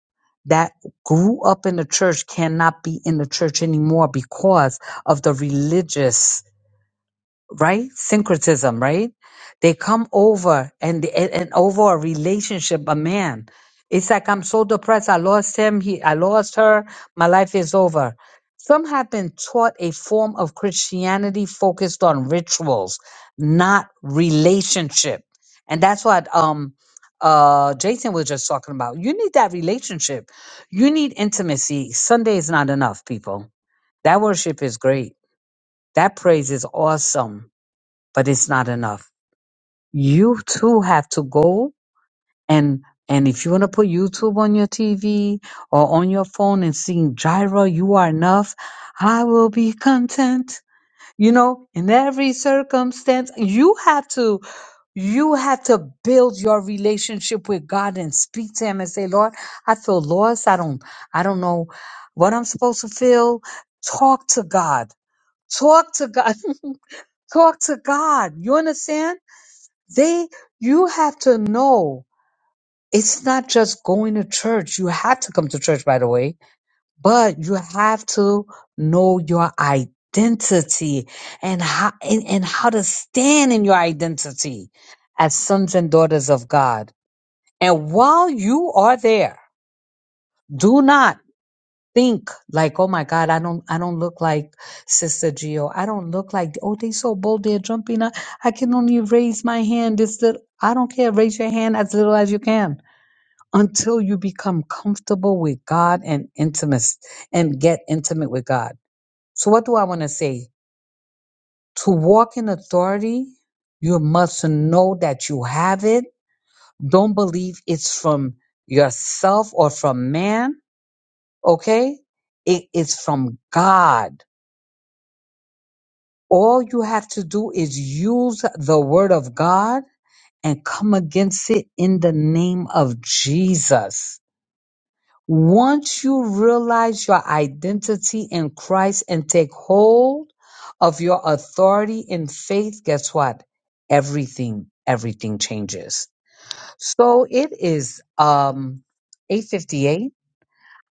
Speaker 6: that grew up in the church cannot be in the church anymore because of the religious right? Syncretism, right? They come over and, and and over a relationship, a man. It's like I'm so depressed. I lost him. He, I lost her. My life is over. Some have been taught a form of Christianity focused on rituals, not relationship, and that's what um uh Jason was just talking about. You need that relationship. You need intimacy. Sunday is not enough, people. That worship is great. That praise is awesome but it's not enough. You too have to go and and if you want to put YouTube on your TV or on your phone and sing Gyra, you are enough. I will be content. You know, in every circumstance, you have to you have to build your relationship with God and speak to him and say, Lord, I feel lost. I don't I don't know what I'm supposed to feel. Talk to God. Talk to God. Talk to God. You understand? They, you have to know it's not just going to church. You have to come to church, by the way, but you have to know your identity and how, and, and how to stand in your identity as sons and daughters of God. And while you are there, do not think like, oh my God, I don't, I don't look like Sister Gio. I don't look like, oh, they so bold, they're jumping. I, I can only raise my hand. This little, I don't care. Raise your hand as little as you can until you become comfortable with God and intimate and get intimate with God. So what do I want to say? To walk in authority, you must know that you have it. Don't believe it's from yourself or from man. Okay. It is from God All you have to do is use the word of God and come against it in the name of Jesus. Once you realize your identity in Christ and take hold of your authority in faith, guess what? Everything, everything changes. So it is um 858.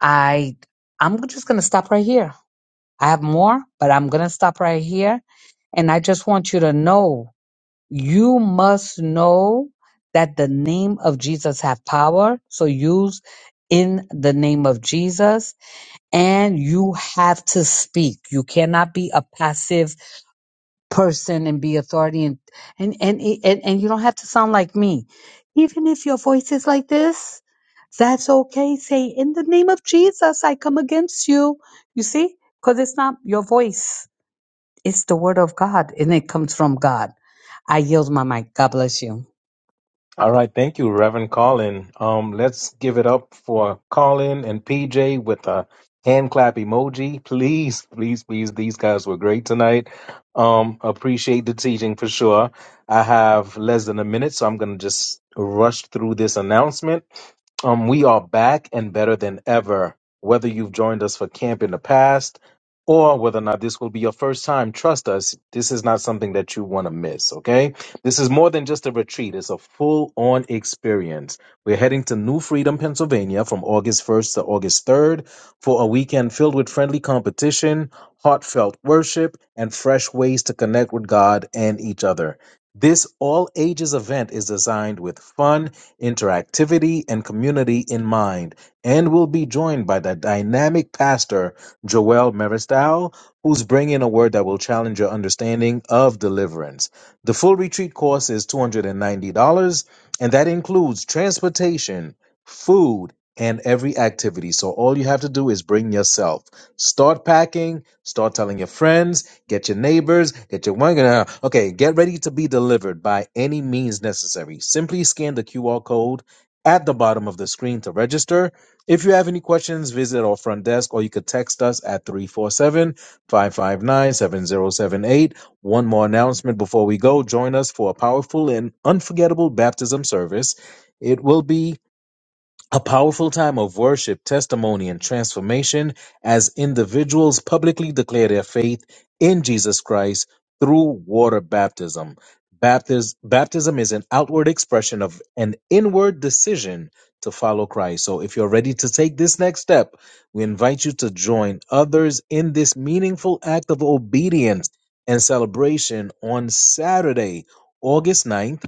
Speaker 6: I I'm just gonna stop right here. I have more, but I'm gonna stop right here. And I just want you to know you must know that the name of Jesus have power. So use in the name of Jesus and you have to speak. You cannot be a passive person and be authority and, and, and, and, and you don't have to sound like me. Even if your voice is like this, that's okay. Say, in the name of Jesus, I come against you. You see? Cause it's not your voice. It's the word of God and it comes from God. I yield my mic. God bless you.
Speaker 1: All right, thank you, Reverend Colin. Um, let's give it up for Colin and PJ with a hand clap emoji. Please, please, please, these guys were great tonight. Um, appreciate the teaching for sure. I have less than a minute, so I'm gonna just rush through this announcement. Um, we are back and better than ever. Whether you've joined us for camp in the past or whether or not this will be your first time, trust us, this is not something that you want to miss, okay? This is more than just a retreat, it's a full on experience. We're heading to New Freedom, Pennsylvania from August 1st to August 3rd for a weekend filled with friendly competition, heartfelt worship, and fresh ways to connect with God and each other. This all ages event is designed with fun, interactivity, and community in mind, and will be joined by the dynamic pastor, Joel Maristow, who's bringing a word that will challenge your understanding of deliverance. The full retreat course is $290, and ninety dollars, and that includes transportation, food, and every activity. So all you have to do is bring yourself. Start packing, start telling your friends, get your neighbors, get your one. uh, Okay, get ready to be delivered by any means necessary. Simply scan the QR code at the bottom of the screen to register. If you have any questions, visit our front desk or you could text us at 347 559 7078. One more announcement before we go. Join us for a powerful and unforgettable baptism service. It will be a powerful time of worship, testimony, and transformation as individuals publicly declare their faith in Jesus Christ through water baptism. Baptis- baptism is an outward expression of an inward decision to follow Christ. So, if you're ready to take this next step, we invite you to join others in this meaningful act of obedience and celebration on Saturday, August ninth.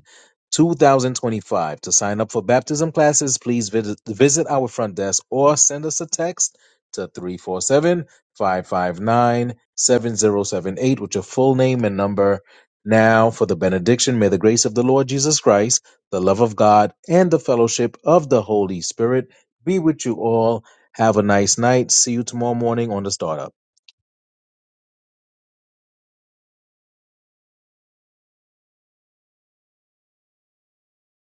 Speaker 1: 2025. To sign up for baptism classes, please visit, visit our front desk or send us a text to 347 559 7078 with your full name and number. Now for the benediction, may the grace of the Lord Jesus Christ, the love of God, and the fellowship of the Holy Spirit be with you all. Have a nice night. See you tomorrow morning on the startup.